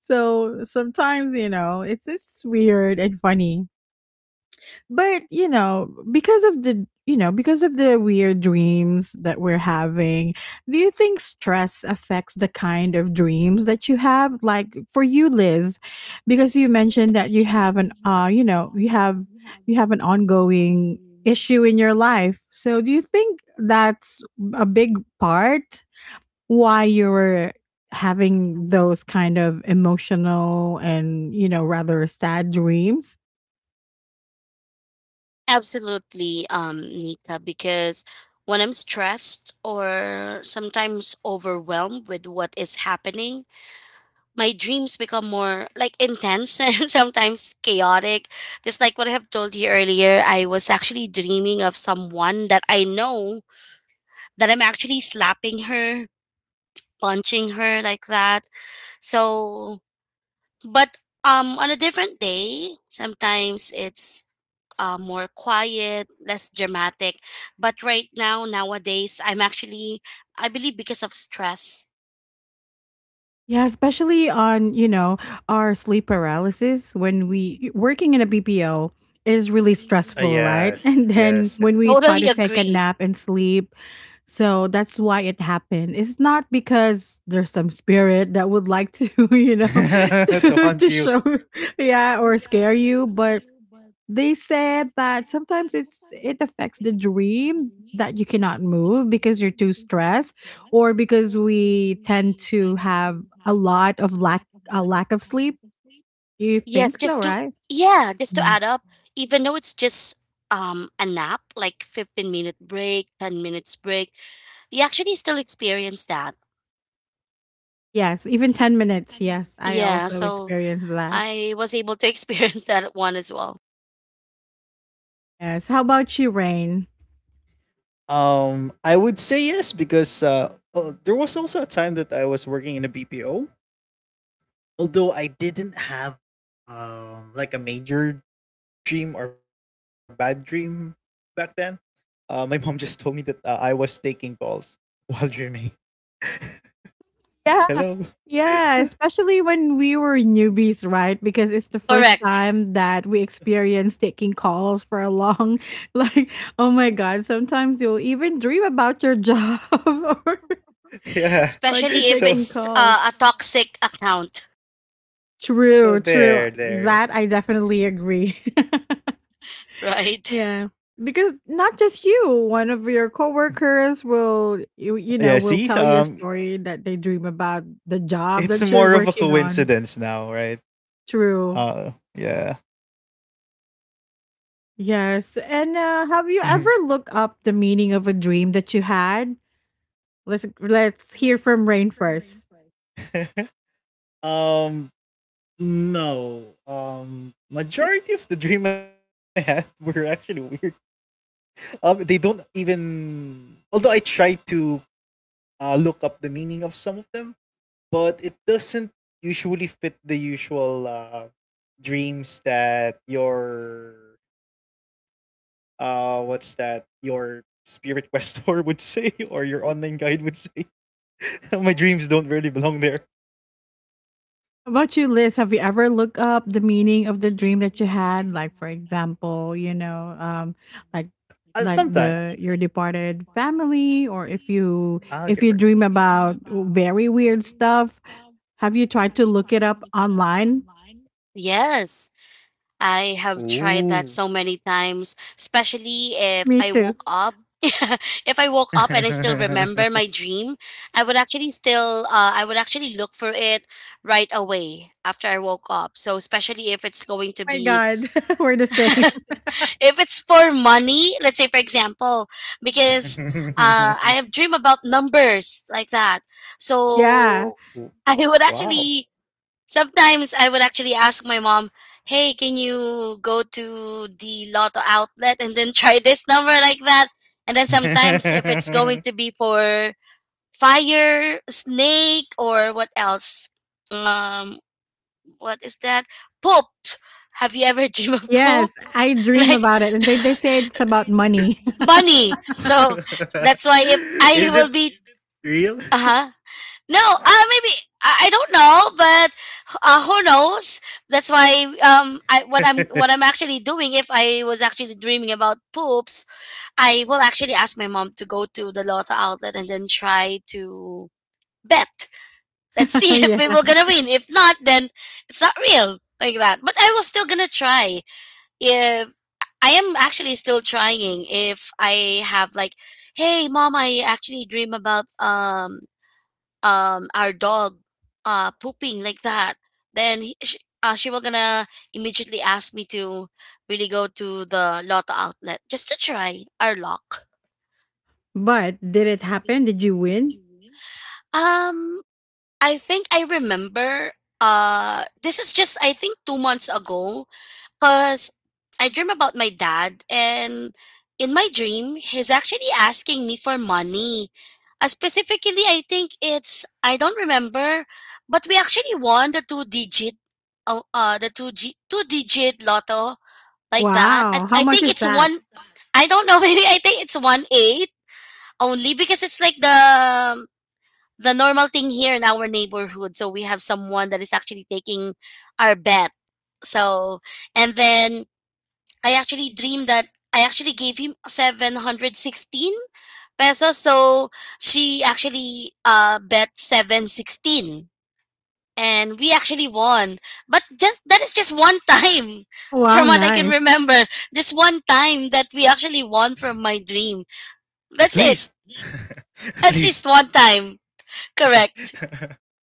[SPEAKER 1] So sometimes, you know, it's, it's weird and funny. But, you know, because of the you know, because of the weird dreams that we're having, do you think stress affects the kind of dreams that you have? Like for you, Liz, because you mentioned that you have an uh, you know, you have you have an ongoing issue in your life. So do you think that's a big part why you were having those kind of emotional and, you know, rather sad dreams?
[SPEAKER 3] Absolutely, um, Nika, because when I'm stressed or sometimes overwhelmed with what is happening, my dreams become more like intense and sometimes chaotic. Just like what I have told you earlier, I was actually dreaming of someone that I know, that I'm actually slapping her, punching her like that. So, but um, on a different day, sometimes it's uh, more quiet, less dramatic. But right now, nowadays, I'm actually, I believe, because of stress.
[SPEAKER 1] Yeah, especially on, you know, our sleep paralysis when we working in a B P O is really
[SPEAKER 2] Ah,
[SPEAKER 1] stressful, right?
[SPEAKER 2] yes,
[SPEAKER 1] And then
[SPEAKER 2] yes,
[SPEAKER 1] when we
[SPEAKER 2] yes.
[SPEAKER 1] try
[SPEAKER 3] Totally
[SPEAKER 1] to take a
[SPEAKER 3] agree.
[SPEAKER 1] nap and sleep, so that's why it happened. It's not because there's some spirit that would like to, you know,
[SPEAKER 2] To
[SPEAKER 1] to,
[SPEAKER 2] haunt
[SPEAKER 1] to
[SPEAKER 2] you.
[SPEAKER 1] show, yeah, or scare you, but they said that sometimes it's it affects the dream that you cannot move because you're too stressed or because we tend to have a lot of lack a lack of sleep. You think
[SPEAKER 3] Yes,
[SPEAKER 1] so,
[SPEAKER 3] just to
[SPEAKER 1] right?
[SPEAKER 3] Yeah, just to
[SPEAKER 1] No.
[SPEAKER 3] add up, even though it's just um a nap, like 15 minute break, ten minutes break, you actually still experience that.
[SPEAKER 1] Yes, even ten minutes. Yes, I
[SPEAKER 3] Yeah,
[SPEAKER 1] also
[SPEAKER 3] so
[SPEAKER 1] experienced that.
[SPEAKER 3] okay. I was able to experience that one as well.
[SPEAKER 1] Yes. How about you, Rain?
[SPEAKER 2] Um, I would say yes because uh, uh, there was also a time that I was working in a B P O. Although I didn't have um like a major dream or bad dream back then. Uh, my mom just told me that uh, I was taking calls while dreaming.
[SPEAKER 1] Yeah.
[SPEAKER 2] Hello.
[SPEAKER 1] Yeah, especially when we were newbies, right? Because it's the first
[SPEAKER 3] Correct.
[SPEAKER 1] time that we experience taking calls for a long like oh my god, sometimes you'll even dream about your job or
[SPEAKER 2] Yeah.
[SPEAKER 1] like you're
[SPEAKER 3] Especially
[SPEAKER 2] So
[SPEAKER 3] if
[SPEAKER 1] taking
[SPEAKER 3] it's
[SPEAKER 1] calls.
[SPEAKER 3] uh, a toxic account.
[SPEAKER 2] so
[SPEAKER 1] True, true.
[SPEAKER 2] there there.
[SPEAKER 1] That I definitely agree.
[SPEAKER 3] Right?
[SPEAKER 1] Yeah. Because not just you, one of your coworkers will you, you know,
[SPEAKER 2] Yeah.
[SPEAKER 1] will
[SPEAKER 2] See.
[SPEAKER 1] tell you a
[SPEAKER 2] Um,
[SPEAKER 1] story that they dream about the job
[SPEAKER 2] it's
[SPEAKER 1] that you're
[SPEAKER 2] more of a
[SPEAKER 1] working on.
[SPEAKER 2] coincidence now, right?
[SPEAKER 1] True.
[SPEAKER 2] Uh. Yeah.
[SPEAKER 1] Yes. And uh, have you ever looked up the meaning of a dream that you had? Let's let's hear from Rain first.
[SPEAKER 2] um. No. Um majority of the dream I had were actually weird. Um they don't even although I tried to uh look up the meaning of some of them, but it doesn't usually fit the usual uh dreams that your uh what's that? Your spirit questor would say or your online guide would say. My dreams don't really belong there.
[SPEAKER 1] How about you, Liz? Have you ever looked up the meaning of the dream that you had? Like, for example, you know, um, like
[SPEAKER 2] Uh, sometime.
[SPEAKER 1] like the your departed family, or if you
[SPEAKER 2] Ah, okay, perfect.
[SPEAKER 1] if you dream about very weird stuff, have you tried to look it up online?
[SPEAKER 3] Yes, I have tried that
[SPEAKER 2] Ooh.
[SPEAKER 3] so many times, especially if
[SPEAKER 1] Me
[SPEAKER 3] I
[SPEAKER 1] too.
[SPEAKER 3] woke up. If I woke up and I still remember my dream, I would actually still uh, I would actually look for it right away after I woke up. So especially if it's going to
[SPEAKER 1] Oh my
[SPEAKER 3] be
[SPEAKER 1] God, we're the same.
[SPEAKER 3] if it's for money, let's say for example, because uh, I have dream about numbers like that.
[SPEAKER 1] Yeah.
[SPEAKER 3] So I would
[SPEAKER 2] Wow.
[SPEAKER 3] actually, sometimes I would actually ask my mom, "Hey, can you go to the lotto outlet and then try this number like that?" And then sometimes if it's going to be for fire, snake, or what else? Um, what is that? Poop. Have you ever dreamed of poop?
[SPEAKER 1] Yes, I dream
[SPEAKER 3] Like
[SPEAKER 1] about it. And they, they say it's about money.
[SPEAKER 3] money. So that's why if I
[SPEAKER 2] Is
[SPEAKER 3] will
[SPEAKER 2] it
[SPEAKER 3] be,
[SPEAKER 2] real?
[SPEAKER 3] uh huh. No, uh, maybe I, I don't know, but uh, who knows? That's why um, I what I'm what I'm actually doing. If I was actually dreaming about poops, I will actually ask my mom to go to the lotto outlet and then try to bet. Let's see if we
[SPEAKER 1] Yeah.
[SPEAKER 3] were gonna win. If not, then it's not real like that. But I was still gonna try if I am actually still trying if I have like, hey mom, I actually dream about um um our dog uh pooping like that, then he, she, uh, she will gonna immediately ask me to really go to the Lotto outlet just to try our luck.
[SPEAKER 1] But did it happen? Did you win?
[SPEAKER 3] Um I think I remember uh this is just I think two months ago, cuz I dream about my dad, and in my dream he's actually asking me for money. Uh, specifically I think it's I don't remember, but we actually won the two digit uh, uh the two G, two digit lotto like that. I,
[SPEAKER 1] Wow. How
[SPEAKER 3] I
[SPEAKER 1] much
[SPEAKER 3] think
[SPEAKER 1] is
[SPEAKER 3] it's
[SPEAKER 1] that?
[SPEAKER 3] one, I don't know. Maybe I think it's one eight only, because it's like the the normal thing here in our neighborhood. So we have someone that is actually taking our bet. So, and then I actually dreamed that I actually gave him seven sixteen pesos. So she actually uh bet seven sixteen and we actually won. But just that is just one time from
[SPEAKER 1] Wow,
[SPEAKER 3] what I can
[SPEAKER 1] nice.
[SPEAKER 3] remember. Just one time that we actually won from my dream.
[SPEAKER 2] At
[SPEAKER 3] That's it.
[SPEAKER 2] least. At
[SPEAKER 3] At least
[SPEAKER 2] least.
[SPEAKER 3] one time. Correct.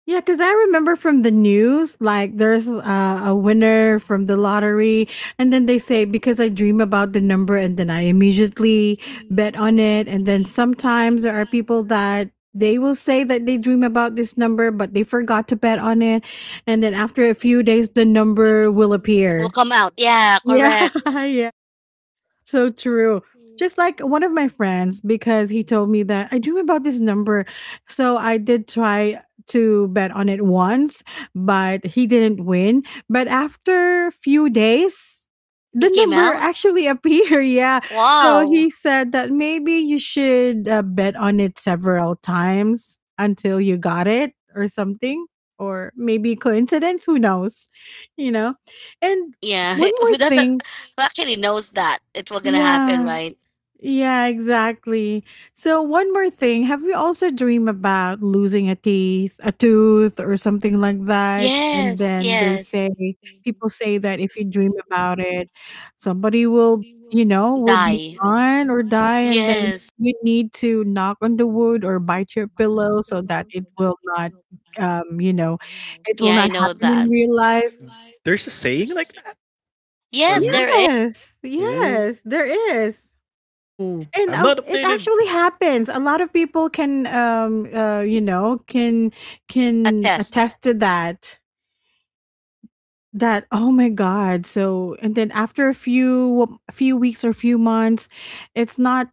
[SPEAKER 1] Yeah, because I remember from the news, like there's uh, a winner from the lottery. And then they say, because I dream about the number and then I immediately bet on it. And then sometimes there are people that they will say that they dream about this number, but they forgot to bet on it. And then after a few days, the number will
[SPEAKER 3] Will
[SPEAKER 1] appear.
[SPEAKER 3] come out. Yeah,
[SPEAKER 1] Yeah,
[SPEAKER 3] correct.
[SPEAKER 1] yeah. So true. Just like one of my friends, because he told me that I dream about this number. So I did try to bet on it once, but he didn't win. But after few days, the
[SPEAKER 3] It came
[SPEAKER 1] number
[SPEAKER 3] out.
[SPEAKER 1] actually appeared. Yeah. So
[SPEAKER 3] Wow.
[SPEAKER 1] he said that maybe you should uh, bet on it several times until you got it or something, or maybe coincidence. Who knows? You know? And
[SPEAKER 3] Yeah.
[SPEAKER 1] one more
[SPEAKER 3] Who doesn't,
[SPEAKER 1] thing,
[SPEAKER 3] who actually knows that it will gonna happen,
[SPEAKER 1] yeah,
[SPEAKER 3] right?
[SPEAKER 1] yeah, exactly. So, one more thing, have you also dreamed about losing a teeth, a tooth, or something like that? And
[SPEAKER 3] Yes,
[SPEAKER 1] then they
[SPEAKER 3] yes.
[SPEAKER 1] say, people say that if you dream about it, somebody will, you know, will be
[SPEAKER 3] Die.
[SPEAKER 1] gone or die, and then
[SPEAKER 3] Yes.
[SPEAKER 1] you need to knock on the wood or bite your pillow so that it will not, um, you know, it will
[SPEAKER 3] Yeah, I
[SPEAKER 1] not
[SPEAKER 3] know
[SPEAKER 1] happen in
[SPEAKER 3] that.
[SPEAKER 1] real life.
[SPEAKER 2] There's a saying like that or
[SPEAKER 3] Yes, there
[SPEAKER 2] myth?
[SPEAKER 3] is,
[SPEAKER 1] Yes,
[SPEAKER 2] Ooh,
[SPEAKER 1] yes, there
[SPEAKER 2] I'm not
[SPEAKER 1] is.
[SPEAKER 2] updated.
[SPEAKER 1] And, um, it actually happens. A lot of people can, um, uh, you know, can
[SPEAKER 3] a
[SPEAKER 1] can
[SPEAKER 3] test.
[SPEAKER 1] attest to that. That oh my god. So and then after a few a few weeks or few months, it's not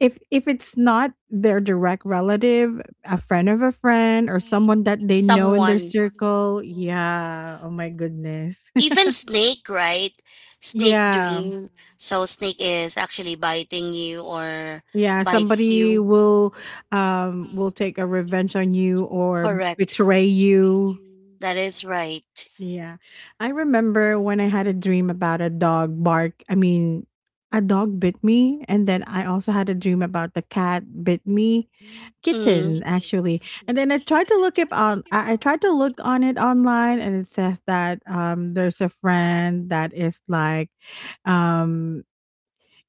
[SPEAKER 1] if if it's not their direct relative, a friend of a friend, or someone that they know in their
[SPEAKER 3] Someone,
[SPEAKER 1] circle. Yeah. Oh my goodness.
[SPEAKER 3] even snake, right, snake
[SPEAKER 1] Yeah.
[SPEAKER 3] dream, so snake is actually biting you or
[SPEAKER 1] Yeah,
[SPEAKER 3] bites
[SPEAKER 1] somebody
[SPEAKER 3] you,
[SPEAKER 1] will um will take a revenge on you or
[SPEAKER 3] correct,
[SPEAKER 1] betray you.
[SPEAKER 3] that is right.
[SPEAKER 1] Yeah. I remember when I had a dream about a dog bark. I mean, a dog bit me. And then I also had a dream about the cat bit me. Kitten,
[SPEAKER 3] Mm.
[SPEAKER 1] actually. And then I tried to look it on I, I tried to look on it online and it says that um there's a friend that is like um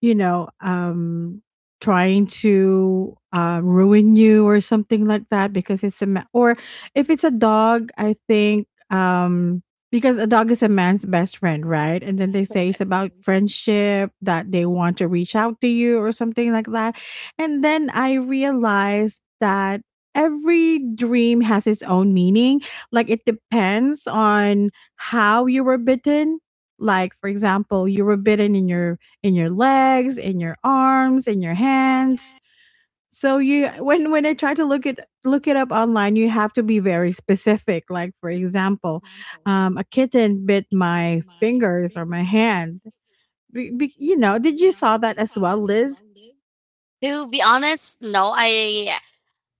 [SPEAKER 1] you know, um, trying to uh, ruin you or something like that because it's a ma- or if it's a dog, I think um, because a dog is a man's best friend, right? And then they say it's about friendship that they want to reach out to you or something like that. And then I realized that every dream has its own meaning. Like it depends on how you were bitten. Like, for example, you were bitten in your in your legs, in your arms, in your hands. So you when when I try to look it look it up online, you have to be very specific. Like for example, um, a kitten bit my fingers or my hand. Be, be, you know, did you saw that as well, Liz?
[SPEAKER 3] To be honest, no. i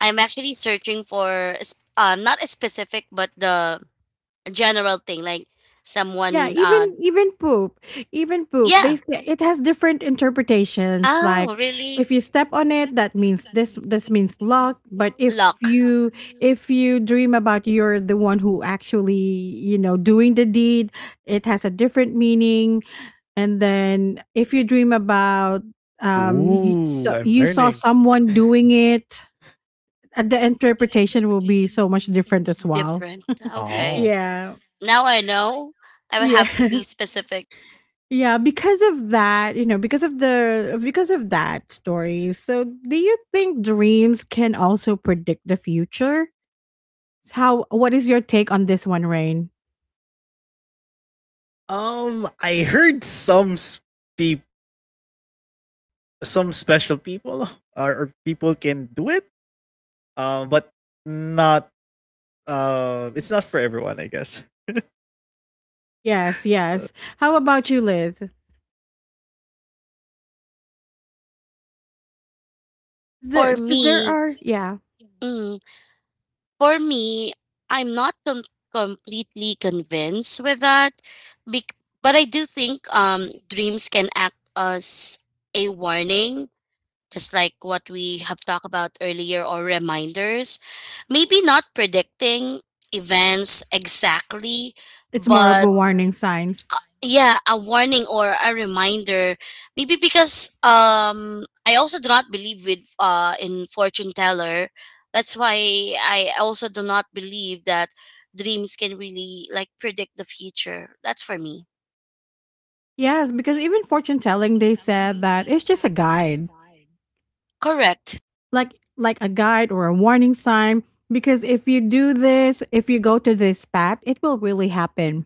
[SPEAKER 3] i'm actually searching for a sp- um not a specific but the general thing, like
[SPEAKER 1] Yeah,
[SPEAKER 3] someone uh,
[SPEAKER 1] even even poop, even poop. They
[SPEAKER 3] yeah.
[SPEAKER 1] say it has different interpretations. Like
[SPEAKER 3] Oh really?
[SPEAKER 1] if you step on it, that means this this means luck. But if
[SPEAKER 3] Luck.
[SPEAKER 1] you if you dream about you're the one who actually you know doing the deed, it has a different meaning. And then if you dream about um you,
[SPEAKER 2] Ooh,
[SPEAKER 1] so
[SPEAKER 2] I'm
[SPEAKER 1] you saw
[SPEAKER 2] learning.
[SPEAKER 1] someone doing it, uh, the interpretation will be so much different as well.
[SPEAKER 3] Different. Okay.
[SPEAKER 2] Oh.
[SPEAKER 1] Yeah,
[SPEAKER 3] Now I know. I would
[SPEAKER 1] yeah.
[SPEAKER 3] have to be specific.
[SPEAKER 1] Yeah, because of that, you know, because of the because of that story. So, do you think dreams can also predict the future? How what is your take on this one, Rain?
[SPEAKER 2] Um, I heard some peop- some special people or, or people can do it. Um, but not. Um, it's not for everyone, I guess.
[SPEAKER 1] Yes, yes. How about you, Liz?
[SPEAKER 3] For
[SPEAKER 1] There, because there
[SPEAKER 3] me,
[SPEAKER 1] are, yeah,
[SPEAKER 3] mm, for me, I'm not com- completely convinced with that. Bec- but I do think um, dreams can act as a warning, just like what we have talked about earlier, or reminders. Maybe not predicting events exactly,
[SPEAKER 1] it's more of
[SPEAKER 3] but
[SPEAKER 1] a warning signs.
[SPEAKER 3] yeah, a warning or a reminder. Maybe because um I also do not believe with uh in fortune teller. That's why I also do not believe that dreams can really like predict the future. That's for me.
[SPEAKER 1] Yes, because even fortune telling, they said that it's just a guide,
[SPEAKER 3] Correct.
[SPEAKER 1] like like a guide or a warning sign. Because if you do this, if you go to this path, it will really happen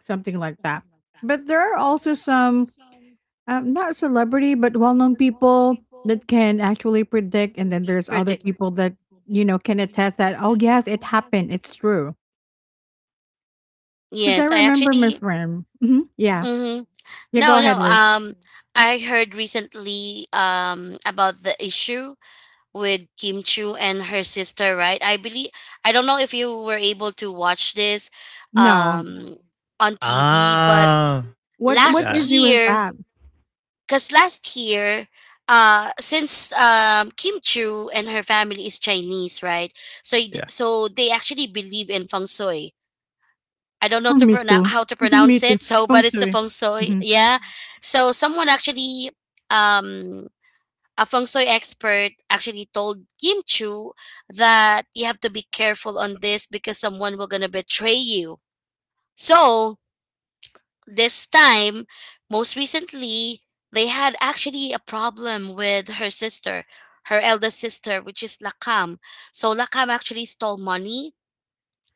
[SPEAKER 1] something like that. But there are also some um, not celebrity but well-known people that can actually predict, and then there's other
[SPEAKER 3] Predict.
[SPEAKER 1] people that you know can attest that oh yes, it happened, it's true. Because I
[SPEAKER 3] Yes, I
[SPEAKER 1] remember my
[SPEAKER 3] actually,
[SPEAKER 1] friend. Mhm. Yeah,
[SPEAKER 3] mhm.
[SPEAKER 1] yeah. Go
[SPEAKER 3] No,
[SPEAKER 1] ahead,
[SPEAKER 3] no.
[SPEAKER 1] Liz.
[SPEAKER 3] Um, I heard recently um about the issue with Kim Chu and her sister, right? I believe I don't know if you were able to watch this
[SPEAKER 1] No,
[SPEAKER 3] um on T V. But
[SPEAKER 2] Ah,
[SPEAKER 1] what what
[SPEAKER 3] last
[SPEAKER 2] yeah,
[SPEAKER 1] issue is
[SPEAKER 3] year,
[SPEAKER 1] that?
[SPEAKER 3] cause last year, uh, since um Kim Chu and her family is Chinese, right? So it-
[SPEAKER 2] yeah.
[SPEAKER 3] so they actually believe in feng shui. I don't know to
[SPEAKER 1] Me
[SPEAKER 3] pronounce,
[SPEAKER 1] too.
[SPEAKER 3] how to
[SPEAKER 1] Me
[SPEAKER 3] pronounce
[SPEAKER 1] too.
[SPEAKER 3] it. So,
[SPEAKER 1] Feng
[SPEAKER 3] but it's a
[SPEAKER 1] shui.
[SPEAKER 3] feng shui.
[SPEAKER 1] Mhm.
[SPEAKER 3] Yeah. So someone actually, um, a feng shui expert actually told Kim Chu that you have to be careful on this because someone will gonna betray you. So this time, most recently, they had actually a problem with her sister, her eldest sister, which is Lakam. So Lakam actually stole money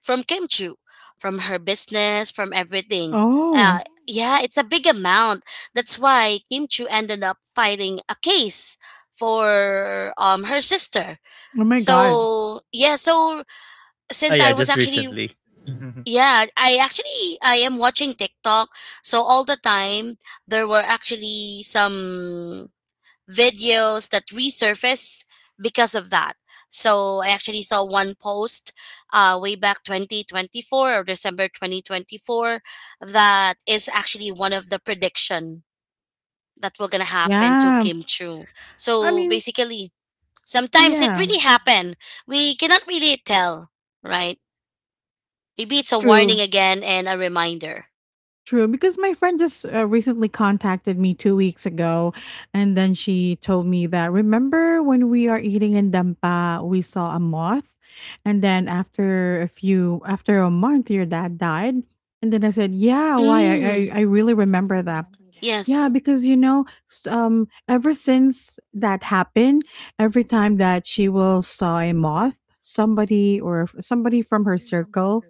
[SPEAKER 3] from Kim Chu, from her business, from everything, uh,
[SPEAKER 1] Oh,
[SPEAKER 3] yeah, it's a big amount. That's why Kim Chu ended up filing a case for um her sister.
[SPEAKER 1] oh my god.
[SPEAKER 3] So yeah, so
[SPEAKER 2] Ah,
[SPEAKER 3] since
[SPEAKER 2] yeah,
[SPEAKER 3] I was
[SPEAKER 2] just
[SPEAKER 3] actually,
[SPEAKER 2] recently.
[SPEAKER 3] yeah, I actually I am watching TikTok. So all the time there were actually some videos that resurface because of that. So I actually saw one post uh, way back twenty twenty-four or December twenty twenty-four that is actually one of the prediction that will gonna happen to
[SPEAKER 1] Yeah.
[SPEAKER 3] Kim Chu.
[SPEAKER 1] I
[SPEAKER 3] So
[SPEAKER 1] mean,
[SPEAKER 3] basically, sometimes it
[SPEAKER 1] yeah.
[SPEAKER 3] really happen. We cannot really tell, right? Maybe it's a warning
[SPEAKER 1] True.
[SPEAKER 3] again and a reminder.
[SPEAKER 1] True, because my friend just uh, recently contacted me two weeks ago, and then she told me that remember when we are eating in Dampa, we saw a moth, and then after a few after a month, your dad died, and then I said, yeah, why? I
[SPEAKER 3] Mm,
[SPEAKER 1] I, I really remember that. Yeah,
[SPEAKER 3] yes.
[SPEAKER 1] because you know, s- um, ever since that happened, every time that she will saw a moth, somebody or f- somebody from her circle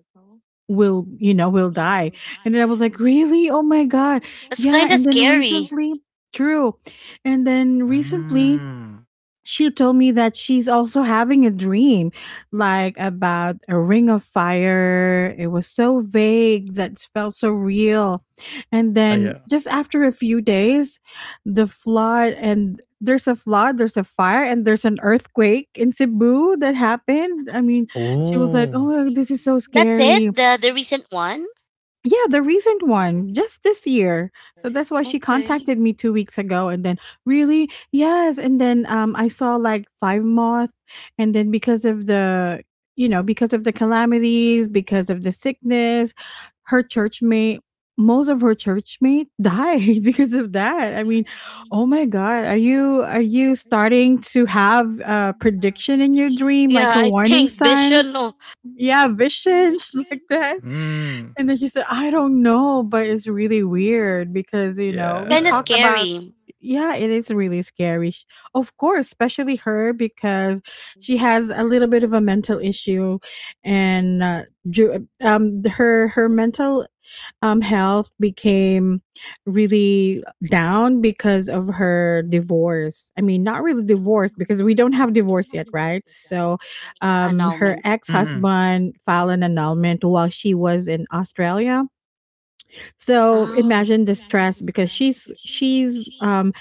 [SPEAKER 1] will, you know, will die." And then I was like, "Really? Oh my god."
[SPEAKER 3] It's
[SPEAKER 1] Yeah,
[SPEAKER 3] kind of
[SPEAKER 1] and then
[SPEAKER 3] scary.
[SPEAKER 1] recently true. And then recently
[SPEAKER 2] Mm.
[SPEAKER 1] she told me that she's also having a dream like about a ring of fire. It was so vague that felt so real. And
[SPEAKER 2] Ah,
[SPEAKER 1] then
[SPEAKER 2] yeah.
[SPEAKER 1] just after a few days, the flood and there's a flood, there's a fire, and there's an earthquake in Cebu that happened. I mean, she was like,
[SPEAKER 2] Oh.
[SPEAKER 1] oh, this is so
[SPEAKER 3] That's it?
[SPEAKER 1] scary.
[SPEAKER 3] The the recent one?
[SPEAKER 1] Yeah, the recent one, just this year. So that's why she
[SPEAKER 3] Okay.
[SPEAKER 1] contacted me two weeks ago, and then really, yes, and then um, I saw like five moth, and then because of the, you know, because of the calamities, because of the sickness, her church mate, most of her church mate died because of that. I mean, oh my god, are you are you starting to have a prediction in your dream,
[SPEAKER 3] Yeah,
[SPEAKER 1] like a
[SPEAKER 3] I
[SPEAKER 1] warning
[SPEAKER 3] think
[SPEAKER 1] sign?
[SPEAKER 3] vision, no.
[SPEAKER 1] Yeah, visions like that.
[SPEAKER 2] Mm.
[SPEAKER 1] And then she said, "I don't know, but it's really weird because, you know,
[SPEAKER 3] It's
[SPEAKER 1] we
[SPEAKER 3] kinda
[SPEAKER 1] talked
[SPEAKER 2] Yeah.
[SPEAKER 1] about
[SPEAKER 3] scary.
[SPEAKER 1] yeah, it is really scary. Sh- Of course, especially her because she has a little bit of a mental issue and uh, ju- um her her mental um, health became really down because of her divorce. I mean, not really divorce because we don't have divorce yet, right? So, um, her
[SPEAKER 3] Annulment.
[SPEAKER 1] ex
[SPEAKER 2] Mhm.
[SPEAKER 1] husband filed an annulment while she was in Australia. So
[SPEAKER 3] Oh.
[SPEAKER 1] imagine the stress because she's she's um,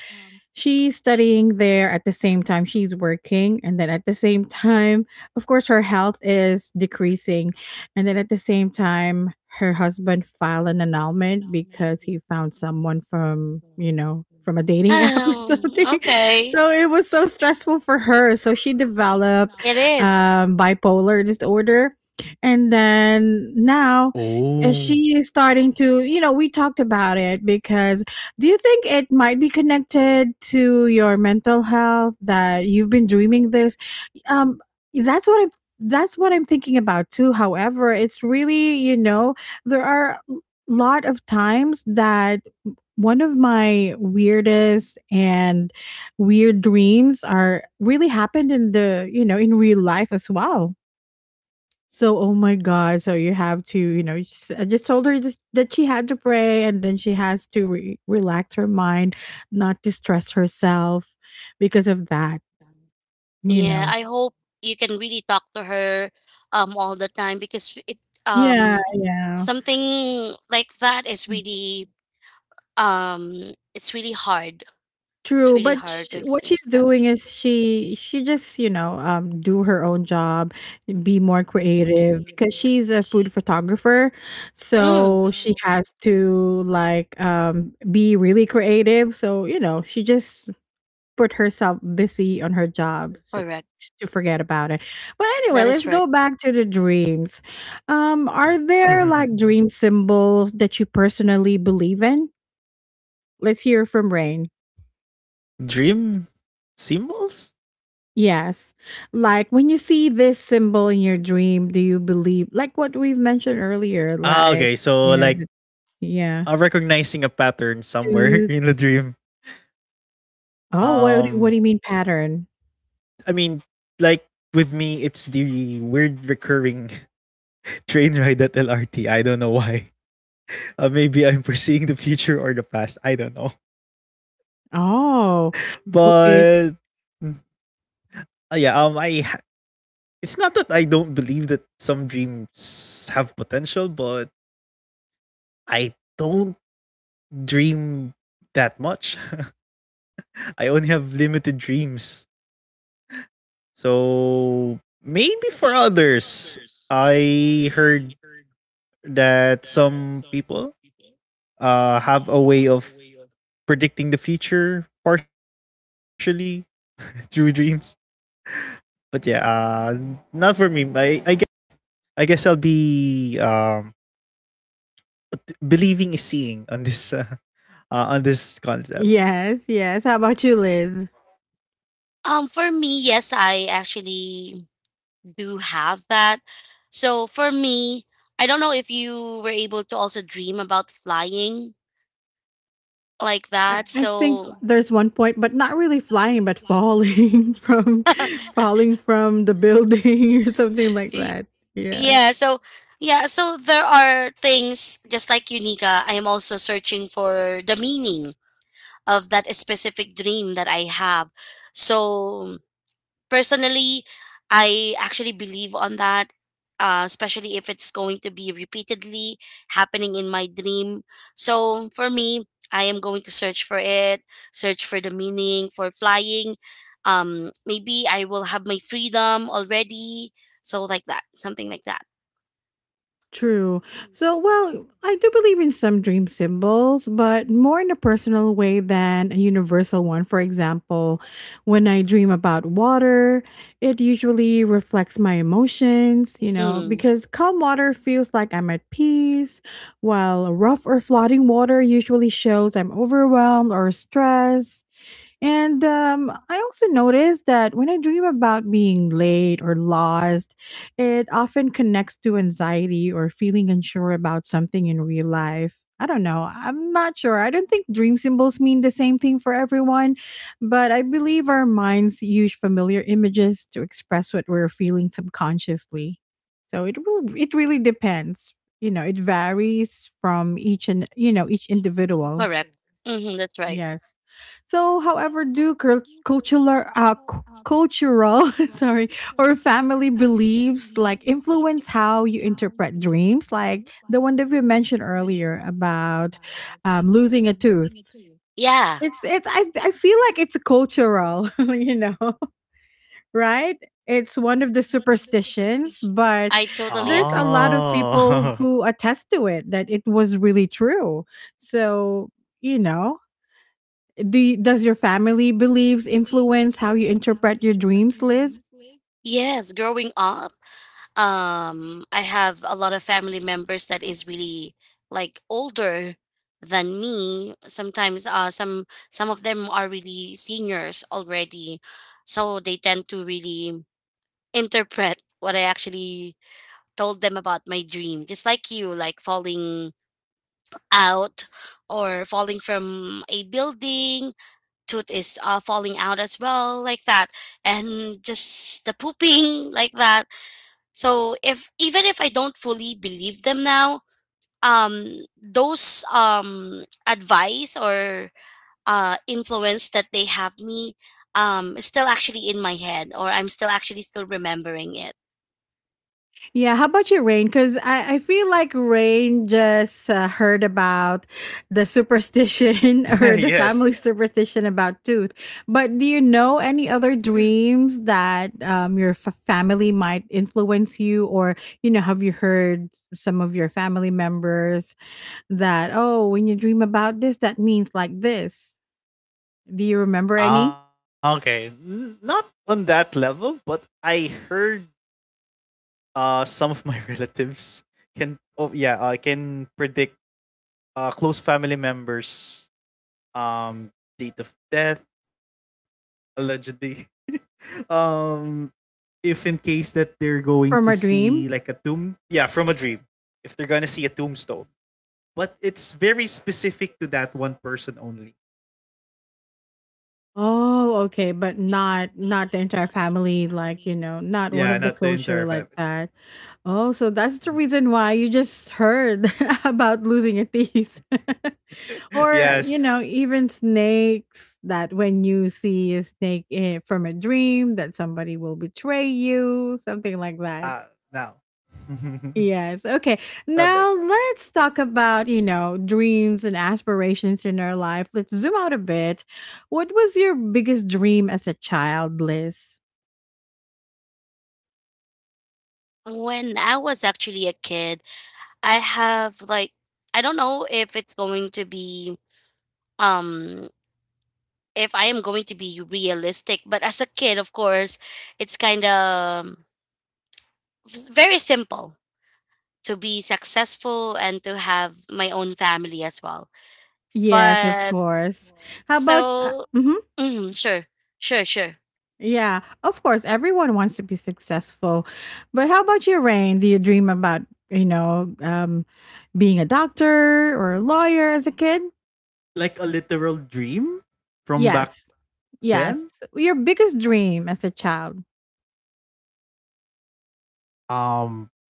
[SPEAKER 1] she's studying there at the same time she's working, and then at the same time of course her health is decreasing, and then at the same time her husband filed an annulment because he found someone, from you know from a dating app or
[SPEAKER 3] Oh,
[SPEAKER 1] something.
[SPEAKER 3] okay.
[SPEAKER 1] So it was so stressful for her, so she developed
[SPEAKER 3] It is.
[SPEAKER 1] um, bipolar disorder. And then now uh,
[SPEAKER 2] Oh.
[SPEAKER 1] she is starting to, you know we talked about it, because do you think it might be connected to your mental health that you've been dreaming this? Um, that's what I'm. That's what I'm thinking about too. However, it's really, you know there are a lot of times that one of my weirdest and weird dreams are really happened in the, you know in real life as well. So, oh my God. So you have to, you know, s- I just told her this, that she had to pray, and then she has to re- relax her mind, not to stress herself because of that, you
[SPEAKER 3] Yeah,
[SPEAKER 1] know.
[SPEAKER 3] I hope you can really talk to her um all the time, because it
[SPEAKER 1] Yeah,
[SPEAKER 3] um
[SPEAKER 1] yeah.
[SPEAKER 3] something like that is really um it's really hard. It's
[SPEAKER 1] True,
[SPEAKER 3] really
[SPEAKER 1] but
[SPEAKER 3] hard
[SPEAKER 1] sh
[SPEAKER 3] to
[SPEAKER 1] what she's
[SPEAKER 3] experience that.
[SPEAKER 1] doing is she she just, you know, um do her own job, be more creative because she's a food photographer.
[SPEAKER 3] Mm,
[SPEAKER 1] So she has to, like, um be really creative. So, you know, she just put herself busy on her job so-
[SPEAKER 3] correct.
[SPEAKER 1] to forget about it. But anyway,
[SPEAKER 3] That is
[SPEAKER 1] let's
[SPEAKER 3] right.
[SPEAKER 1] go back to the dreams. Um, are there, like, dream symbols that you personally believe in? Let's hear from Rain.
[SPEAKER 2] Dream symbols?
[SPEAKER 1] Yes. Like, when you see this symbol in your dream, do you believe, like, what we've mentioned earlier,
[SPEAKER 2] Ah,
[SPEAKER 1] like,
[SPEAKER 2] okay. So
[SPEAKER 1] you know,
[SPEAKER 2] like
[SPEAKER 1] the, yeah.
[SPEAKER 2] uh, recognizing a pattern somewhere
[SPEAKER 1] Do
[SPEAKER 2] in the dream.
[SPEAKER 1] oh
[SPEAKER 2] Um,
[SPEAKER 1] what do- what do you mean, pattern?
[SPEAKER 2] I mean, like with me, it's the weird recurring train ride at L R T. I don't know why. Uh, maybe I'm foreseeing the future or the past. I don't know.
[SPEAKER 1] Oh, okay.
[SPEAKER 2] But uh, yeah, um, I ha- it's not that I don't believe that some dreams have potential, but I don't dream that much. I only have limited dreams. So maybe for others, I heard that some people uh have a way of predicting the future partially through dreams. But yeah, uh, not for me. I I guess I guess I'll be um believing is seeing on this uh, uh on this concept.
[SPEAKER 1] Yes, yes. How about you, Liz?
[SPEAKER 3] Um, for me, yes, I actually do have that. So for me, I don't know if you were able to also dream about flying like
[SPEAKER 1] I,
[SPEAKER 3] that.
[SPEAKER 1] I think
[SPEAKER 3] So
[SPEAKER 1] there's one point, but not really flying, but falling from falling from the building or something like
[SPEAKER 3] Y-
[SPEAKER 1] that. Yeah.
[SPEAKER 3] yeah, so yeah, so there are things, just like Unica, I am also searching for the meaning of that specific dream that I have. So personally, I actually believe on that, uh, especially if it's going to be repeatedly happening in my dream. So for me, I am going to search for it, search for the meaning for flying. Um, maybe I will have my freedom already. So like that, something like that.
[SPEAKER 1] True. So, well, I do believe in some dream symbols, but more in a personal way than a universal one. For example, when I dream about water, it usually reflects my emotions, you know,
[SPEAKER 3] Mm.
[SPEAKER 1] because calm water feels like I'm at peace, while rough or flooding water usually shows I'm overwhelmed or stressed. And um, I also noticed that when I dream about being late or lost, it often connects to anxiety or feeling unsure about something in real life. I don't know. I'm not sure. I don't think dream symbols mean the same thing for everyone, but I believe our minds use familiar images to express what we're feeling subconsciously. So it will, it really depends. You know, it varies from each and, you know, each individual.
[SPEAKER 3] Correct. Mm-hmm, that's right.
[SPEAKER 1] Yes. So, however, do cul- cultural, uh, cu- cultural, sorry, or family beliefs like influence how you interpret dreams, like the one that we mentioned earlier about, um, losing a tooth.
[SPEAKER 3] Yeah,
[SPEAKER 1] It's it's I I feel like it's cultural, you know, right? It's one of the superstitions, but
[SPEAKER 3] I totally
[SPEAKER 1] there's
[SPEAKER 3] agree.
[SPEAKER 1] a lot of people
[SPEAKER 2] Oh,
[SPEAKER 1] who attest to it that it was really true. So, you know, do you, does your family beliefs influence how you interpret your dreams, Liz?
[SPEAKER 3] Yes, growing up, um, I have a lot of family members that is really like older than me. Sometimes, uh, some some of them are really seniors already, so they tend to really interpret what I actually told them about my dream. Just like you, like falling out, or falling from a building. Tooth is uh, falling out as well, like that, and just the pooping like that. So if even if I don't fully believe them now, um, those um, advice or uh, influence that they have me um, is still actually in my head, or I'm still actually still remembering it.
[SPEAKER 1] Yeah, how about you, Rain? Because I, I feel like Rain just uh, heard about the superstition or the
[SPEAKER 2] yes.
[SPEAKER 1] family superstition about tooth. But do you know any other dreams that um, your f- family might influence you? Or, you know, have you heard some of your family members that, oh, when you dream about this, that means like this? Do you remember
[SPEAKER 2] Ah,
[SPEAKER 1] any
[SPEAKER 2] okay, N- not on that level, but I heard. Uh, some of my relatives can oh yeah, I uh, can predict uh close family members um date of death, allegedly. um if in case that they're going to
[SPEAKER 1] from a
[SPEAKER 2] see
[SPEAKER 1] dream?
[SPEAKER 2] like a tomb, yeah, from a dream. If they're going to see a tombstone. But it's very specific to that one person only.
[SPEAKER 1] Oh, okay, but not not the entire family, like, you know,
[SPEAKER 2] Yeah, not
[SPEAKER 1] not
[SPEAKER 2] the
[SPEAKER 1] one of the
[SPEAKER 2] entire family.
[SPEAKER 1] culture like that. Oh, so that's the reason why you just heard about losing your teeth. Or, you
[SPEAKER 2] Yes.
[SPEAKER 1] know, even snakes, that when you see a snake eh, from a dream that somebody will betray you, something like that.
[SPEAKER 2] Uh Now.
[SPEAKER 1] Yes. Okay.
[SPEAKER 2] Not like
[SPEAKER 1] Now let's talk about, you know, dreams and aspirations in our life. Let's zoom out a bit. What was your biggest dream as a child, Liz?
[SPEAKER 3] When I was actually a kid, I have like I don't know if it's going to be um if I am going to be realistic, but as a kid, of course, it's kind of very simple, to be successful and to have my own family as well.
[SPEAKER 1] Yes, of
[SPEAKER 3] But
[SPEAKER 1] course. How about, uh,
[SPEAKER 3] so,
[SPEAKER 1] mhm.
[SPEAKER 3] mm, sure, sure, sure.
[SPEAKER 1] Yeah, of course, everyone wants to be successful. But how about you, Rain? Do you dream about, you know, um, being a doctor or a lawyer as a kid?
[SPEAKER 2] like a literal dream from back
[SPEAKER 1] Yes.
[SPEAKER 2] then.
[SPEAKER 1] Yes. Your biggest dream as a child.
[SPEAKER 2] Um,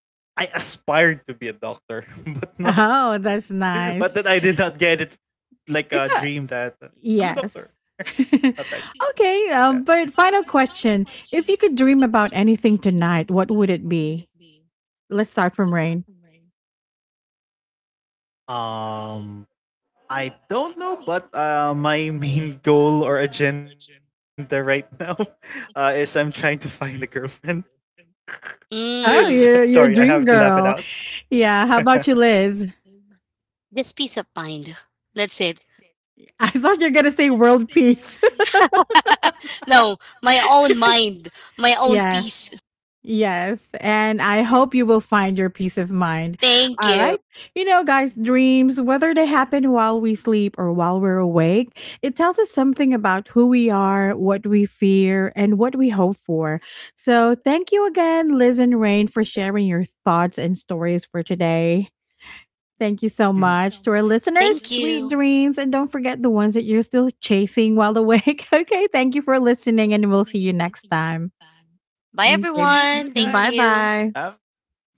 [SPEAKER 2] I aspired to be a doctor, but not,
[SPEAKER 1] Oh, that's
[SPEAKER 2] but then
[SPEAKER 1] nice.
[SPEAKER 2] I did not get it like a
[SPEAKER 1] It's a,
[SPEAKER 2] dream that uh, I'm a
[SPEAKER 1] yes.
[SPEAKER 2] doctor, not like that.
[SPEAKER 1] Okay, um, but final question. If you could dream about anything tonight, what would it be? Let's start from Rain.
[SPEAKER 2] Um, I don't know, but uh, my main goal or agenda right now uh, is I'm trying to find a girlfriend. So,
[SPEAKER 1] Oh,
[SPEAKER 3] Mm,
[SPEAKER 2] sorry, I
[SPEAKER 1] you're, you're
[SPEAKER 2] have
[SPEAKER 1] a
[SPEAKER 2] to laugh
[SPEAKER 1] dream
[SPEAKER 2] it out.
[SPEAKER 1] girl. Yeah, how about you, Liz?
[SPEAKER 3] just peace of mind. That's it.
[SPEAKER 1] I thought you're going to say world peace.
[SPEAKER 3] No, my own mind, my own peace.
[SPEAKER 1] Yes.
[SPEAKER 3] Yes,
[SPEAKER 1] Yes, and I hope you will find your peace of mind.
[SPEAKER 3] thank
[SPEAKER 1] All
[SPEAKER 3] you.
[SPEAKER 1] right. You know, guys, dreams, whether they happen while we sleep or while we're awake, it tells us something about who we are, what we fear, and what we hope for. So, thank you again, Liz and Rain, for sharing your thoughts and stories for today. Thank you so
[SPEAKER 2] Mhm.
[SPEAKER 1] much to our listeners.
[SPEAKER 3] Thank
[SPEAKER 1] Sweet
[SPEAKER 3] you.
[SPEAKER 1] dreams. And don't forget the ones that you're still chasing while awake. Okay. Thank you for listening, and we'll see you next time.
[SPEAKER 2] See you
[SPEAKER 3] Bye,
[SPEAKER 2] soon,
[SPEAKER 1] Okay.
[SPEAKER 2] guys.
[SPEAKER 3] everyone. Thank
[SPEAKER 1] Bye
[SPEAKER 2] Have
[SPEAKER 3] you.
[SPEAKER 1] bye.
[SPEAKER 2] bye, guys.